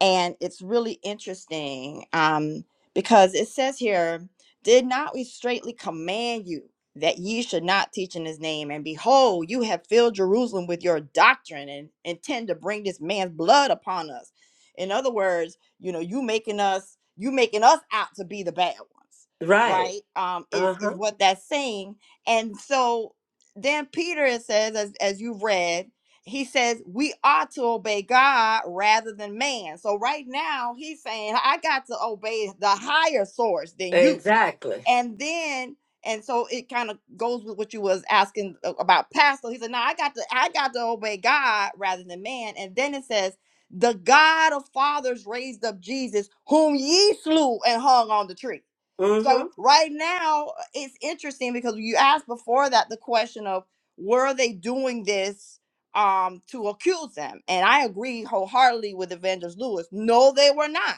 Speaker 4: and it's really interesting. Um, because it says here, did not we straitly command you that ye should not teach in his name? And behold, you have filled Jerusalem with your doctrine and intend to bring this man's blood upon us. In other words, you know, you making us you making us out to be the bad ones,
Speaker 1: right
Speaker 4: right? Um, is
Speaker 1: uh-huh
Speaker 4: is what that's saying. And so then Peter it says, as as you've read he says we ought to obey God rather than man. So right now he's saying I got to obey the higher source than you
Speaker 1: exactly
Speaker 4: and then and so it kind of goes with what you was asking a- about pastor he said now i got to i got to obey god rather than man and then it says the god of fathers raised up jesus whom ye slew and hung on the tree
Speaker 1: mm-hmm
Speaker 4: so right now uh, it's interesting because you asked before that the question of were they doing this um to accuse them and i agree wholeheartedly with evangelist lewis no they were not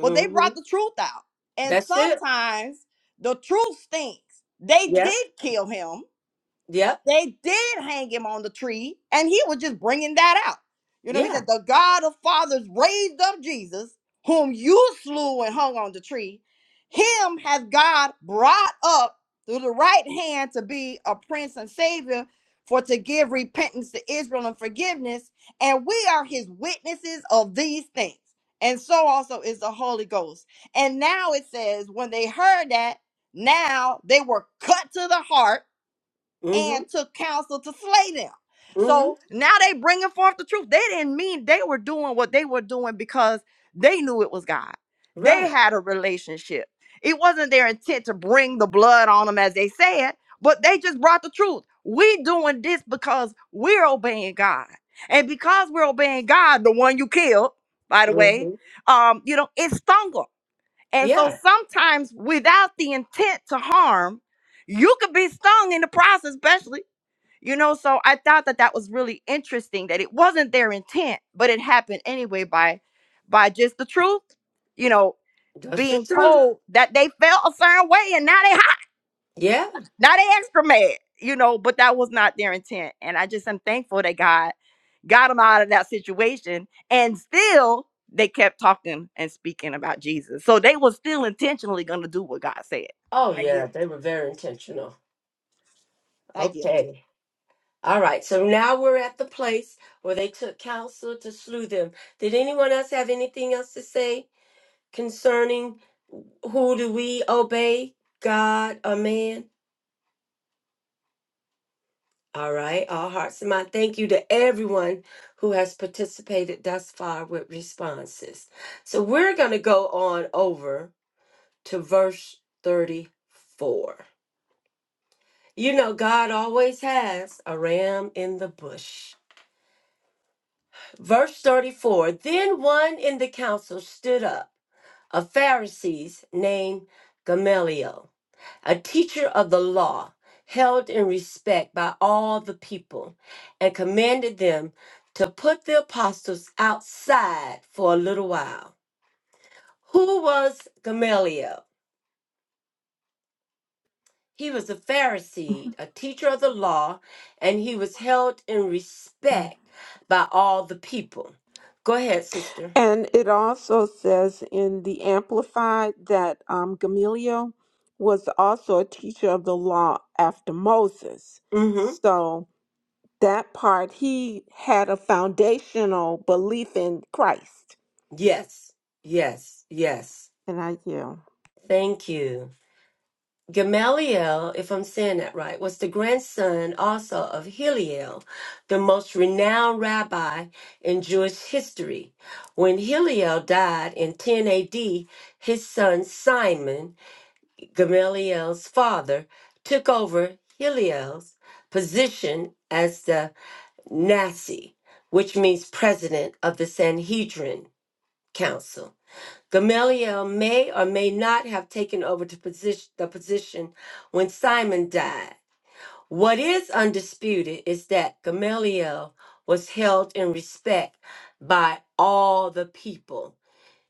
Speaker 4: but they
Speaker 1: mm-hmm
Speaker 4: brought the truth out and
Speaker 1: that's it
Speaker 4: sometimes the truth stinks. They
Speaker 1: yep
Speaker 4: did kill him
Speaker 1: yep
Speaker 4: they did hang him on the tree, and he was just bringing that out. You know, he
Speaker 1: yeah
Speaker 4: said, The God of fathers raised up Jesus, whom you slew and hung on the tree. Him has God brought up through the right hand to be a prince and savior, for to give repentance to Israel and forgiveness. And we are his witnesses of these things. And so also is the Holy Ghost. And now it says, When they heard that, now they were cut to the heart
Speaker 1: mm-hmm
Speaker 4: and took counsel to slay them.
Speaker 1: mm-hmm
Speaker 4: So now they bringing forth the truth. They didn't mean they were doing what they were doing because they knew it was God. They
Speaker 1: right
Speaker 4: had a relationship. It wasn't their intent to bring the blood on them as they said, but they just brought the truth. We doing this because we're obeying God. And because we're obeying God, the one you killed, by the way,
Speaker 1: mm-hmm
Speaker 4: um, you know, it stung 'em. And so
Speaker 1: yeah
Speaker 4: sometimes without the intent to harm, you could be stung in the process, especially, you know. So I thought that that was really interesting that it wasn't their intent, but it happened anyway by by just the truth, you know,
Speaker 1: that's the
Speaker 4: being
Speaker 1: truth
Speaker 4: told that they felt a certain way and now they hot,
Speaker 1: yeah
Speaker 4: now they extra mad, you know, but that was not their intent. And I just am thankful that God got them out of that situation and still they kept talking and speaking about jesus so they were still intentionally going to do what god said
Speaker 1: oh
Speaker 4: i
Speaker 1: yeah
Speaker 4: get
Speaker 1: they were very intentional
Speaker 4: i get
Speaker 1: okay All right, so now we're at the place where they took counsel to slew them. Did anyone else have anything else to say concerning who do we obey, God or man? All right, all hearts and mind. Thank you to everyone who has participated thus far with responses. So we're going to go on over to verse 34. You know, God always has a ram in the bush. Verse 34 Then one in the council stood up, a Pharisee named Gamaliel, a teacher of the law, held in respect by all the people, and commanded them to put the apostles outside for a little while. Who was Gamaliel? He was a Pharisee, a teacher of the law, and he was held in respect by all the people. Go ahead, sister.
Speaker 3: And it also says in the Amplified that um, Gamaliel was also a teacher of the law after Moses.
Speaker 1: Mm-hmm.
Speaker 3: So. that part, he had a foundational belief in Christ.
Speaker 1: Yes, yes, yes.
Speaker 3: And I yield.
Speaker 1: Thank you. Gamaliel, if I'm saying that right, was the grandson also of Hillel, the most renowned rabbi in Jewish history. When Hillel died in 10 AD, his son Simon, Gamaliel's father, took over Hillel's position as the Nasi, which means president of the Sanhedrin Council. Gamaliel may or may not have taken over to position, the position when Simon died. What is undisputed is that Gamaliel was held in respect by all the people.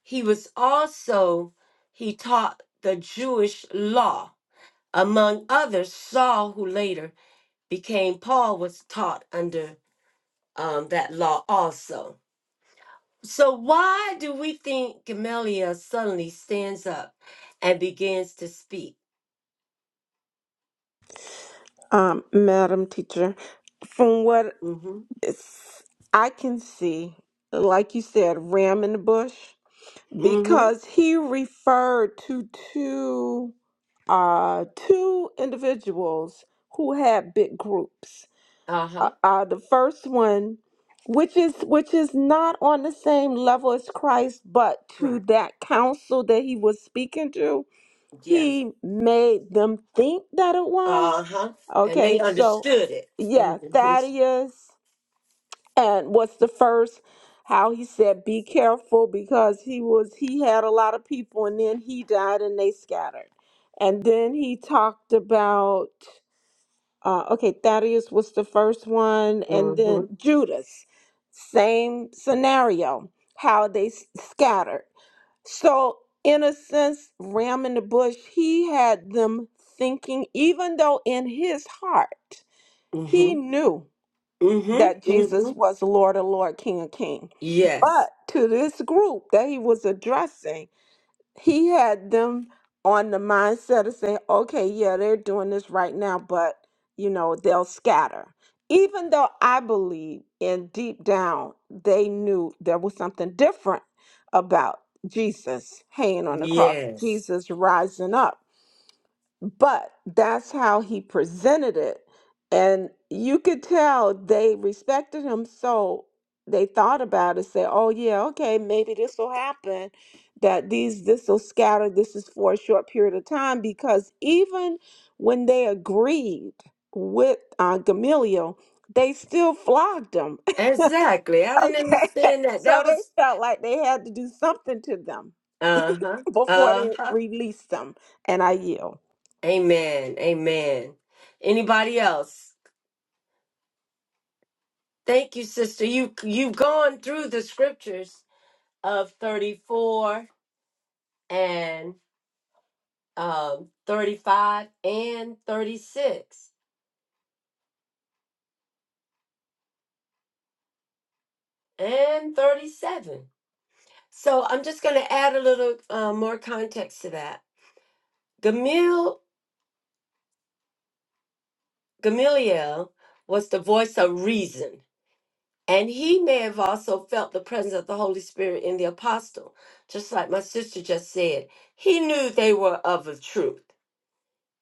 Speaker 1: He was also, he taught the Jewish law. Among others, Saul, who later became Paul, was taught under um, that law also. So why do we think Gamaliel suddenly stands up and begins to speak?
Speaker 3: Um, Madam Teacher, from what
Speaker 1: Mm-hmm.
Speaker 3: it's- I can see, like you said, ram in the bush,
Speaker 1: Mm-hmm.
Speaker 3: because he referred to two uh, two individuals who had big groups. uh,
Speaker 1: Uh-huh.
Speaker 3: uh, the first one, which is which is not on the same level as Christ, but to
Speaker 1: Right.
Speaker 3: that council that he was speaking to,
Speaker 1: Yes.
Speaker 3: he made them think that it was.
Speaker 1: Uh-huh. And they
Speaker 3: Okay, so
Speaker 1: understood it.
Speaker 3: yeah,
Speaker 1: Mm-hmm.
Speaker 3: Thaddeus and what's the first? How he said, "Be careful," because he was he had a lot of people, and then he died, and they scattered. And then he talked about uh, okay, Thaddeus was the first one, and
Speaker 1: Mm-hmm.
Speaker 3: then Judas. Same scenario, how they s- scattered. So, in a sense, ram in the bush, he had them thinking, even though in his heart
Speaker 1: Mm-hmm.
Speaker 3: he knew
Speaker 1: Mm-hmm.
Speaker 3: that
Speaker 1: Mm-hmm.
Speaker 3: Jesus was Lord of Lord, King of King. But
Speaker 1: Yes.
Speaker 3: to this group that he was addressing, he had them on the mindset of saying, okay, yeah, they're doing this right now, but you know, they'll scatter. Even though I believe in deep down, they knew there was something different about Jesus hanging on the cross,
Speaker 1: Yes.
Speaker 3: Jesus rising up but that's how he presented it and you could tell they respected him so they thought about it say oh yeah okay maybe this will happen that these this will scatter this is for a short period of time because even when they agreed with uh, gamaliel they still flogged him
Speaker 1: Exactly. I didn't
Speaker 3: okay
Speaker 1: understand that.
Speaker 3: so
Speaker 1: That
Speaker 3: they
Speaker 1: was
Speaker 3: felt like they had to do something to them
Speaker 1: uh-huh.
Speaker 3: before they
Speaker 1: Uh-huh.
Speaker 3: released them and i yield
Speaker 1: Amen. Amen. Anybody else? Thank you, sister. You you've gone through the scriptures of 34 and um, 35 and 36 and 37. So I'm just going to add a little uh, more context to that. Gamil, Gamaliel was the voice of reason, and he may have also felt the presence of the Holy Spirit in the apostle. Just like my sister just said, he knew they were of the truth.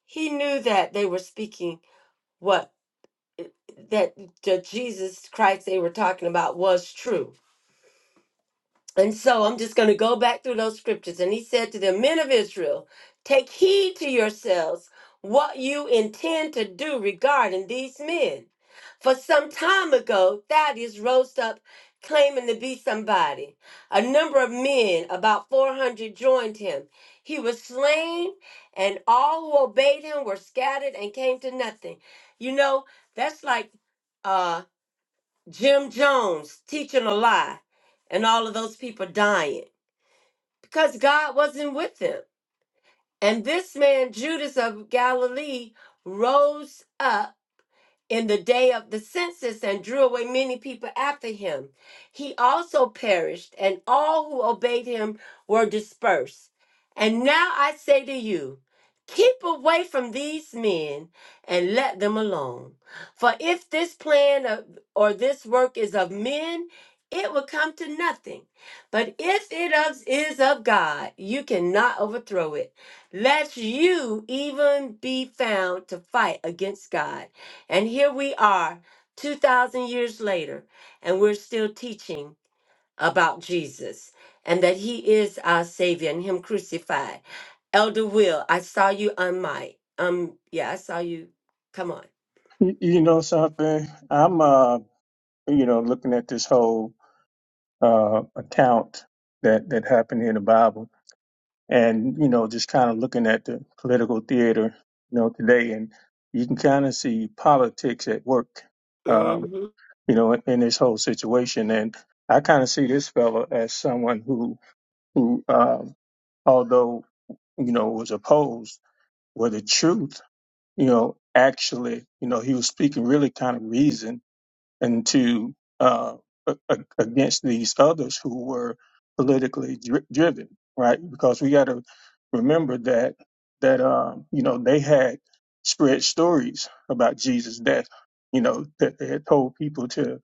Speaker 1: He knew that they were speaking what that the Jesus Christ they were talking about was true. And so I'm just going to go back through those scriptures. And he said to the men of Israel, Take heed to yourselves what you intend to do regarding these men. For some time ago, Thaddeus rose up claiming to be somebody. A number of men, about 400, joined him. He was slain, and all who obeyed him were scattered and came to nothing. You know, that's like uh." Jim Jones teaching a lie and all of those people dying because God wasn't with them. And this man, Judas of Galilee, rose up in the day of the census and drew away many people after him. He also perished, and all who obeyed him were dispersed. And now I say to you, keep away from these men and let them alone. For if this plan of, or this work is of men, it will come to nothing. But if it of- is of God, you cannot overthrow it. Let you even be found to fight against God. And here we are, 2,000 years later, and we're still teaching about Jesus and that he is our Savior and him crucified. Elder Will, I saw you on my, um, yeah, I saw you. Come
Speaker 8: You you know something? I'm uh you know looking at this whole uh account that that happened in the Bible and you know just kind of looking at the political theater you know today and you can kind of see politics at work um
Speaker 1: on.
Speaker 8: you know in, in this whole situation and I kind of see this fellow as someone who who um although you know was opposed where the truth you know actually you know he was speaking really kind of reason and to uh, a- a- against these others who were politically dri- driven, right? Because we got to remember that that um, you know they had spread stories about Jesus' death. You know that they had told people to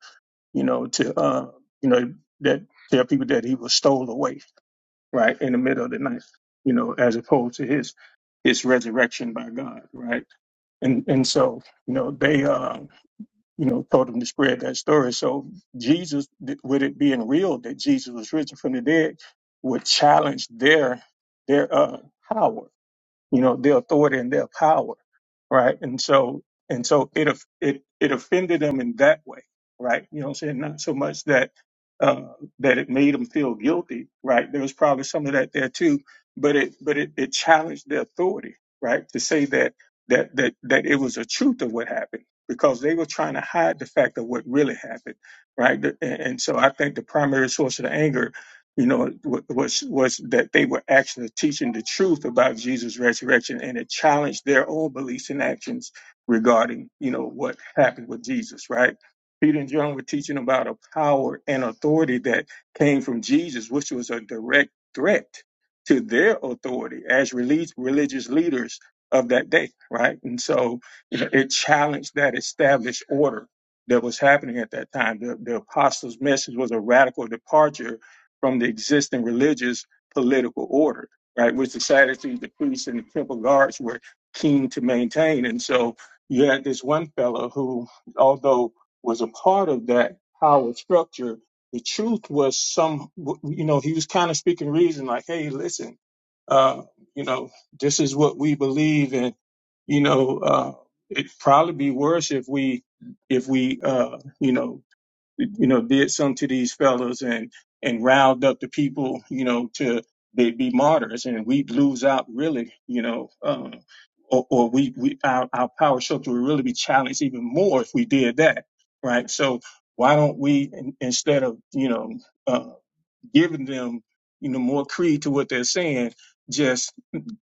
Speaker 8: you know to uh, you know that tell people that he was stole away, right, in the middle of the night. You know, as opposed to his his resurrection by God, right? And and so you know they. uh, you know, told him to spread that story. So Jesus, th- with it being real that Jesus was risen from the dead, would challenge their their uh, power you know, their authority and their power, right? And so, and so it, of- it, it offended them in that way, right? You know what I'm saying? Not so much that, uh, that it made them feel guilty, right? There was probably some of that there too, but it, but it, it challenged their authority, right? To say that, that, that, that it was a truth of what happened because they were trying to hide the fact of what really happened, right? And, and so I think the primary source of the anger you know, wa- was was that they were actually teaching the truth about Jesus' resurrection, and it challenged their own beliefs and actions regarding, you know, what happened with Jesus. Right? Peter and John were teaching about a power and authority that came from Jesus, which was a direct threat to their authority as relig- religious leaders of that day. Right? And so you know, it challenged that established order that was happening at that time. The, the apostles' message was a radical departure from the existing religious political order, right? Which the Sadducees, the priests, and the temple guards were keen to maintain. And so you had this one fellow who, although was a part of that power structure, the truth was some, you know, he was kind of speaking reason, like, hey, listen, uh, you know, this is what we believe, and you know, uh, it'd probably be worse if we, if we, uh, you know, you know, did some to these fellows and and riled up the people, you know, to they be martyrs, and we'd lose out really, you know, um, or, or we we our, our power structure would really be challenged even more if we did that, right? So why don't we in, instead of you know uh, giving them you know more creed to what they're saying, just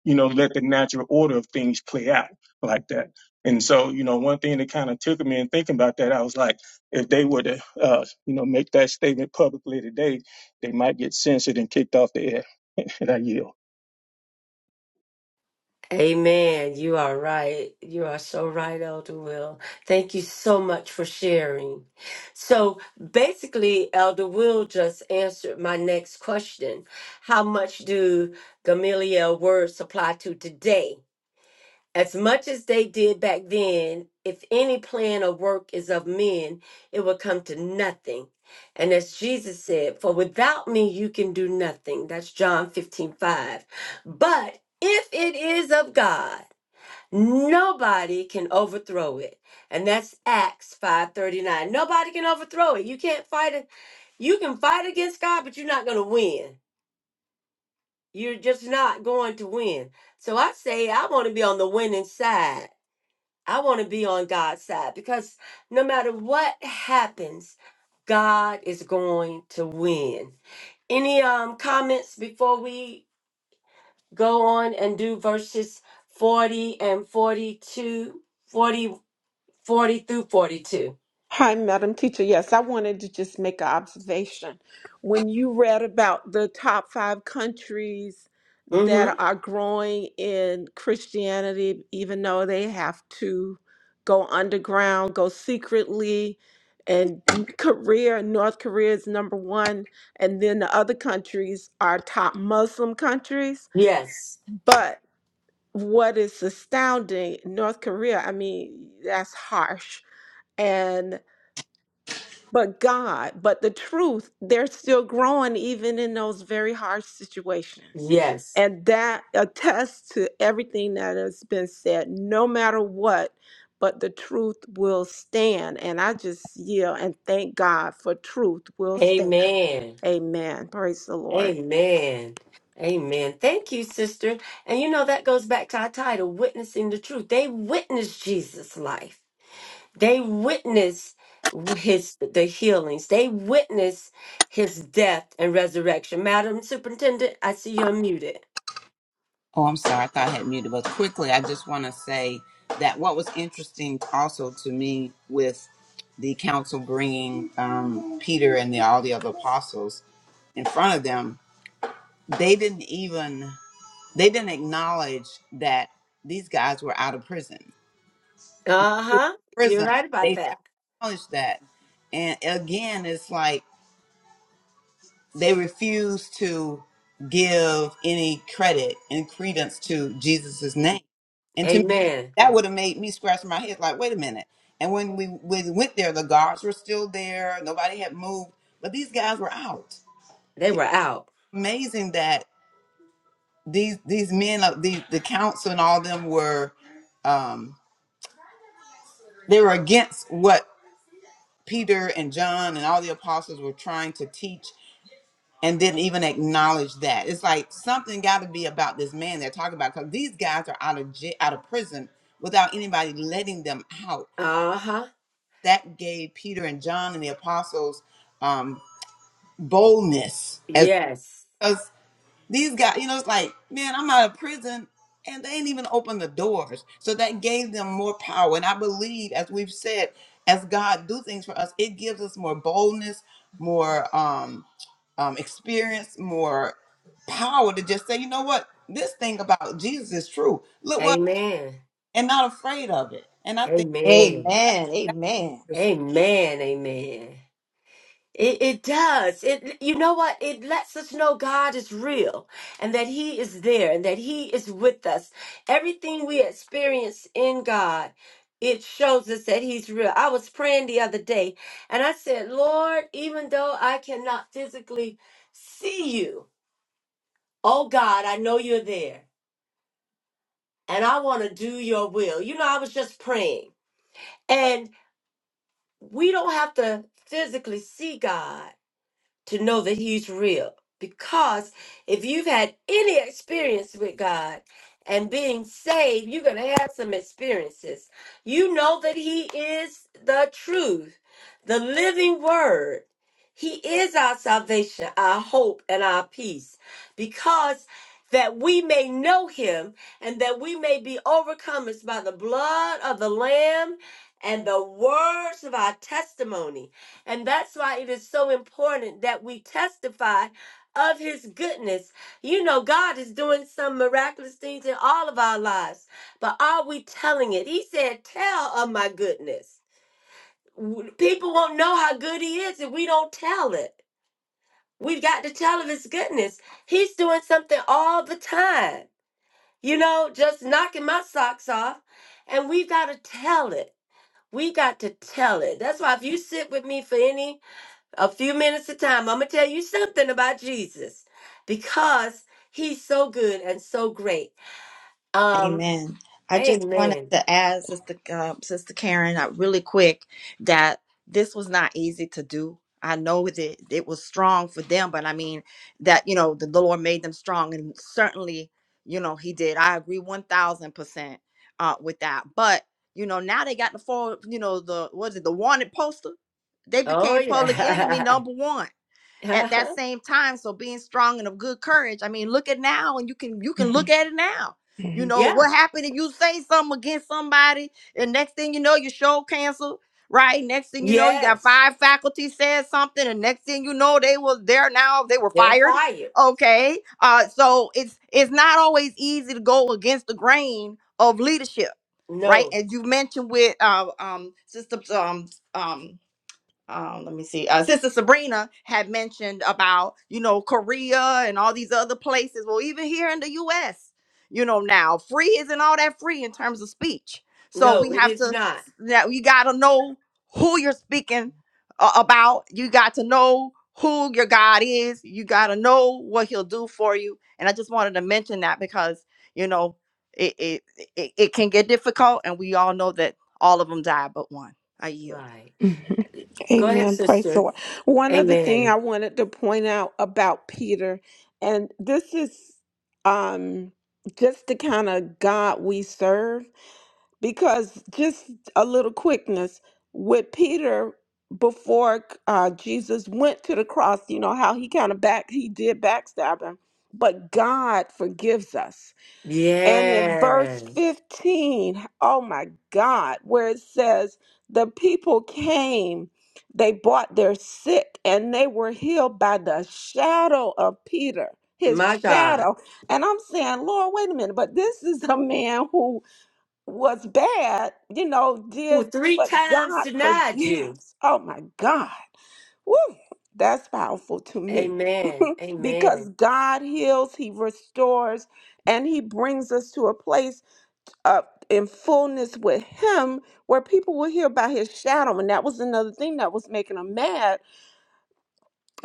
Speaker 8: you know, let the natural order of things play out like that. And so, you know, one thing that kind of took me in thinking about that, I was like, if they were to, uh, you know, make that statement publicly today, they might get censored and kicked off the air. and I yield.
Speaker 1: Amen. You are right. You are so right, Elder Will. Thank you so much for sharing. So basically, Elder Will just answered my next question. How much do Gamaliel words apply to today? As much as they did back then, if any plan or work is of men, it will come to nothing. And as Jesus said, for without me you can do nothing. That's John 15 5. But if it is of God, Nobody can overthrow it. And that's Acts 5:39. Nobody can overthrow it. You can't fight it. You can fight against God, but you're not going to win. You're just not going to win. So I say I want to be on the winning side. I want to be on God's side because no matter what happens, God is going to win. Any um comments before we go on and do verses 40 and forty two forty. 40 through 42.
Speaker 3: Hi, Madam Teacher. Yes, I wanted to just make an observation. When you read about the top five countries that
Speaker 1: Mm-hmm.
Speaker 3: are growing in Christianity, even though they have to go underground, go secretly, and Korea, North Korea is number one, and then the other countries are top Muslim countries.
Speaker 1: Yes.
Speaker 3: But what is astounding, North Korea, I mean, that's harsh. and but God, but the truth, they're still growing even in those very hard situations.
Speaker 1: Yes.
Speaker 3: And that attests to everything that has been said, no matter what, but the truth will stand. And I just yield and thank God for truth will stand.
Speaker 1: Amen.
Speaker 3: Amen. Praise the Lord.
Speaker 1: Amen. Amen. Thank you, sister. And you know, that goes back to our title, Witnessing the Truth. They witnessed Jesus' life, they witnessed his the healings they witnessed his death and resurrection madam superintendent i see you're muted
Speaker 2: Oh, I'm sorry. I thought I had muted, but quickly, I just want to say that what was interesting also to me with the council bringing um, Peter and the, all the other apostles in front of them, they didn't even. They didn't acknowledge that these guys were out of prison.
Speaker 1: uh-huh you're
Speaker 2: Prison,
Speaker 1: right about
Speaker 2: they
Speaker 1: that
Speaker 2: never acknowledged that. And again, it's like they refuse to give any credit and credence to Jesus's name.
Speaker 1: Mhm.
Speaker 2: And to me,
Speaker 1: amen
Speaker 2: that would have made me scratch my head like, wait a minute. And when we, we went there, the guards were still there. Nobody had moved, but these guys were out.
Speaker 1: they were out
Speaker 2: Amazing that these these men, uh, the the council and all of them were um, they were against what Peter and John and all the apostles were trying to teach and didn't even acknowledge that. It's like something got to be about this man they're talking about because these guys are out of j- out of prison without anybody letting them out.
Speaker 1: uh-huh
Speaker 2: That gave Peter and John and the apostles um, boldness as
Speaker 1: yes
Speaker 2: These guys, you know, it's like, man, I'm out of prison and they ain't even open the doors. So that gave them more power. And I believe, as we've said, as God do things for us, it gives us more boldness, more um, um, experience, more power to just say, you know what, this thing about Jesus is true. Look what,
Speaker 1: Amen.
Speaker 2: and not afraid of it. And I think.
Speaker 1: Amen. Amen. Amen. It, it does. It you know what? It lets us know God is real and that He is there and that He is with us. Everything we experience in God, it shows us that He's real. I was praying the other day and I said, Lord, even though I cannot physically see you, oh God, I know you're there. And I want to do your will. You know, I was just praying. we don't have to physically see God to know that He's real. Because if you've had any experience with God and being saved, you're going to have some experiences. You know that He is the truth, the living Word. He is our salvation, our hope, and our peace. Because that we may know Him and that we may be overcomers by the blood of the Lamb and the words of our testimony. And that's why it is so important that we testify of his goodness. You know, God is doing some miraculous things in all of our lives, but are we telling it? He said, Tell of my goodness. W- People won't know how good he is if we don't tell it. We've got to tell of his goodness. He's doing something all the time, you know, just knocking my socks off. And we've got to tell it. we got to tell it. That's why if you sit with me for any a few minutes of time, I'm going to tell you something about Jesus because he's so good and so great. Um,
Speaker 4: Amen. I just wanted
Speaker 1: amen.
Speaker 4: to add, Sister uh, Sister Karen, uh, really quick, that this was not easy to do. I know that it was strong for them, but I mean that you know the Lord made them strong, and certainly you know He did. I agree one thousand percent uh, with that. But you know now they got the full, you know the what is it the wanted poster? They
Speaker 1: Oh,
Speaker 4: became public enemy
Speaker 1: yeah.
Speaker 4: number one at that
Speaker 1: uh-huh.
Speaker 4: same time so being strong and of good courage i mean look at now and you can you can look at it now you
Speaker 3: hmm
Speaker 4: know
Speaker 1: Yeah.
Speaker 4: what happened if you say something against somebody and next thing you know your show canceled right next thing you know you got
Speaker 1: Yes.
Speaker 4: five faculty said something and next thing you know they was there now they were
Speaker 1: They're
Speaker 4: fired
Speaker 1: fired.
Speaker 4: okay uh so it's it's not always easy to go against the grain of leadership right
Speaker 1: No,
Speaker 4: as you mentioned with uh, um sister um um um, let me see. Uh, Sister Sabrina had mentioned about you know Korea and all these other places. Well, even here in the U.S., you know now free isn't all that free in terms of speech. So
Speaker 1: no,
Speaker 4: we
Speaker 1: it
Speaker 4: have
Speaker 1: is
Speaker 4: to
Speaker 1: not.
Speaker 4: that you got to know who you're speaking uh, about. You got to know who your God is. You got to know what He'll do for you. And I just wanted to mention that because you know it it it, it can get difficult, and we all know that all of them die but one. I yield.
Speaker 1: Right. Go ahead,
Speaker 3: Amen. Praise the
Speaker 1: sister.
Speaker 3: Lord. One other thing
Speaker 1: Amen.
Speaker 3: I wanted to point out about Peter, and this is um just the kind of God we serve, because just a little quickness with Peter before uh, Jesus went to the cross, you know how he kind of back he did backstab him, but God forgives us. And in
Speaker 1: Yeah.
Speaker 3: verse 15, oh my God, where it says, The people came, they brought their sick, and they were healed by the shadow of Peter, his
Speaker 1: My God.
Speaker 3: shadow. And I'm saying, Lord, wait a minute, but this is a man who was bad, you know,
Speaker 1: Who
Speaker 3: did,
Speaker 1: three
Speaker 3: but
Speaker 1: times
Speaker 3: God
Speaker 1: denied you.
Speaker 3: forgives. Oh my God. Woo, that's powerful to me.
Speaker 1: Amen. Amen.
Speaker 3: because God heals, He restores, and He brings us to a place of in fullness with Him where people will hear about His shadow. And that was another thing that was making them mad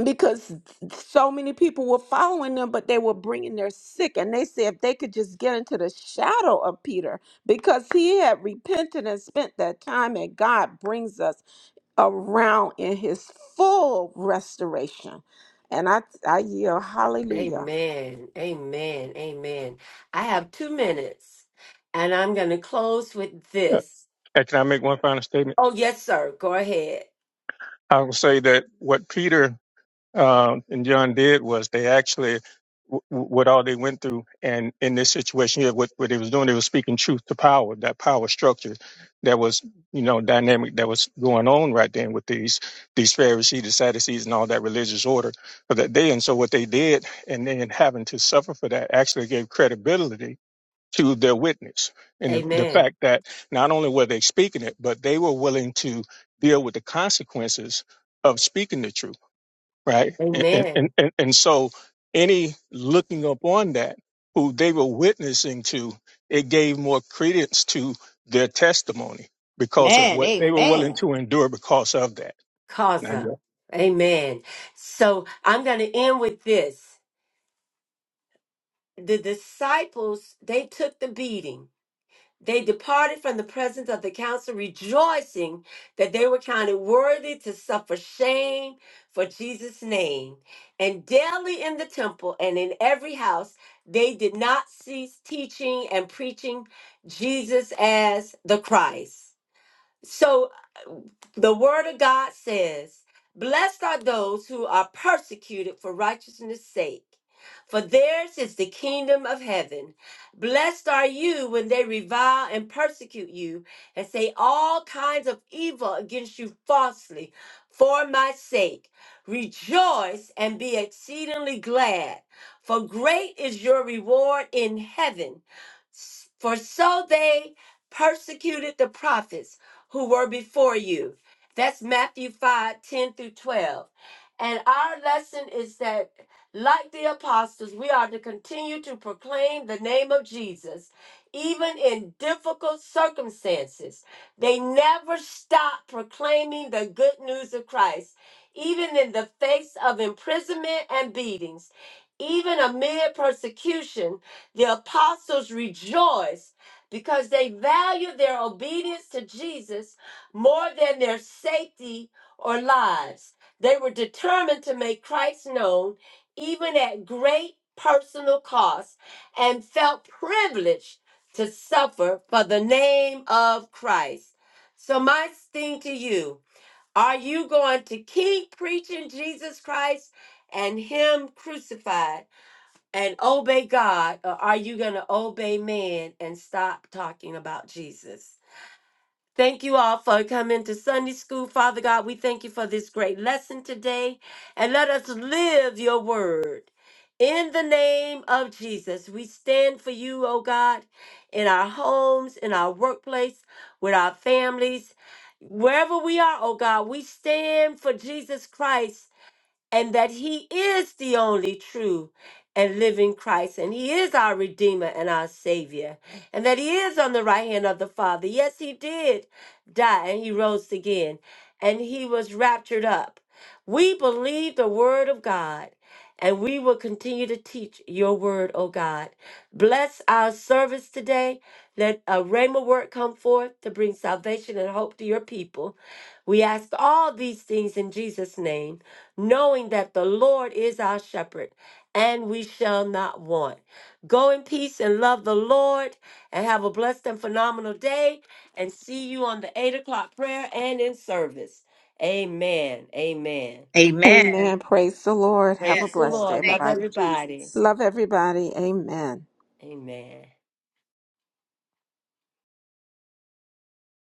Speaker 3: because so many people were following them, but they were bringing their sick. And they said if they could just get into the shadow of Peter because he had repented and spent that time, and God brings us around in his full restoration. And I, I yield, hallelujah.
Speaker 1: Amen. Amen. Amen. I have two minutes and I'm going to close with
Speaker 8: Uh,
Speaker 1: this.
Speaker 8: Can I make one final statement?
Speaker 1: Oh, yes, sir. Go ahead.
Speaker 8: I will say that what Peter um, and John did was they actually w- w- what all they went through, and in this situation here, what what they was doing, they was speaking truth to power, that power structure that was you know dynamic that was going on right then with these these Pharisees, the Sadducees, and all that religious order for that day. And so what they did, and then having to suffer for that, actually gave credibility to their witness and the, the
Speaker 1: Amen.
Speaker 8: fact that not only were they speaking it, but they were willing to deal with the consequences of speaking the truth right? And and and,
Speaker 1: Amen.
Speaker 8: and so any looking up on that who they were witnessing to, it gave more credence to their testimony because of what they were willing to endure because of that.
Speaker 1: Causa. Amen. So I'm going to end with this. The disciples, they took the beating. They departed from the presence of the council, rejoicing that they were counted worthy to suffer shame for Jesus' name. And daily in the temple and in every house, they did not cease teaching and preaching Jesus as the Christ. So uh, the word of God says, Blessed are those who are persecuted for righteousness' sake, for theirs is the kingdom of heaven. Blessed are you when they revile and persecute you and say all kinds of evil against you falsely for my sake. Rejoice and be exceedingly glad, for great is your reward in heaven. S- For so they persecuted the prophets who were before you. That's Matthew 5 10 through 12. And our lesson is that, like the apostles, we are to continue to proclaim the name of Jesus, even in difficult circumstances. They never stop proclaiming the good news of Christ, even in the face of imprisonment and beatings. Even amid persecution, the apostles rejoiced because they value their obedience to Jesus more than their safety or lives. They were determined to make Christ known, even at great personal cost, and felt privileged to suffer for the name of Christ. So, my thing to you are you going to keep preaching Jesus Christ and Him crucified? and obey God, or are you going to obey man and stop talking about Jesus? Thank you all for coming to Sunday school. Father God, we thank you for this great lesson today. And let us live your word. In the name of Jesus, we stand for you, oh God, in our homes, in our workplace, with our families, wherever we are, oh God, we stand for Jesus Christ and that He is the only true and living Christ, and He is our Redeemer and our Savior, and that He is on the right hand of the Father. Yes, He did died, and he rose again, and he was raptured up. We believe the word of God, and we will continue to teach your word, O God. Bless our service today. Let a rhema word come forth to bring salvation and hope to your people. We ask all these things in Jesus' name, knowing that the Lord is our shepherd and we shall not want. Go in peace and love the Lord and have a blessed and phenomenal day. And see you on the eight o'clock prayer and in service. Amen. Amen.
Speaker 4: Amen.
Speaker 3: Amen. Praise the Lord. Have a
Speaker 1: Praise
Speaker 4: Yes,
Speaker 1: the
Speaker 3: blessed
Speaker 4: Lord.
Speaker 3: day,
Speaker 1: Lord.
Speaker 4: Thank
Speaker 1: Love
Speaker 3: everybody.
Speaker 4: you,
Speaker 1: everybody.
Speaker 4: Jesus.
Speaker 3: Love everybody. Amen.
Speaker 1: Amen.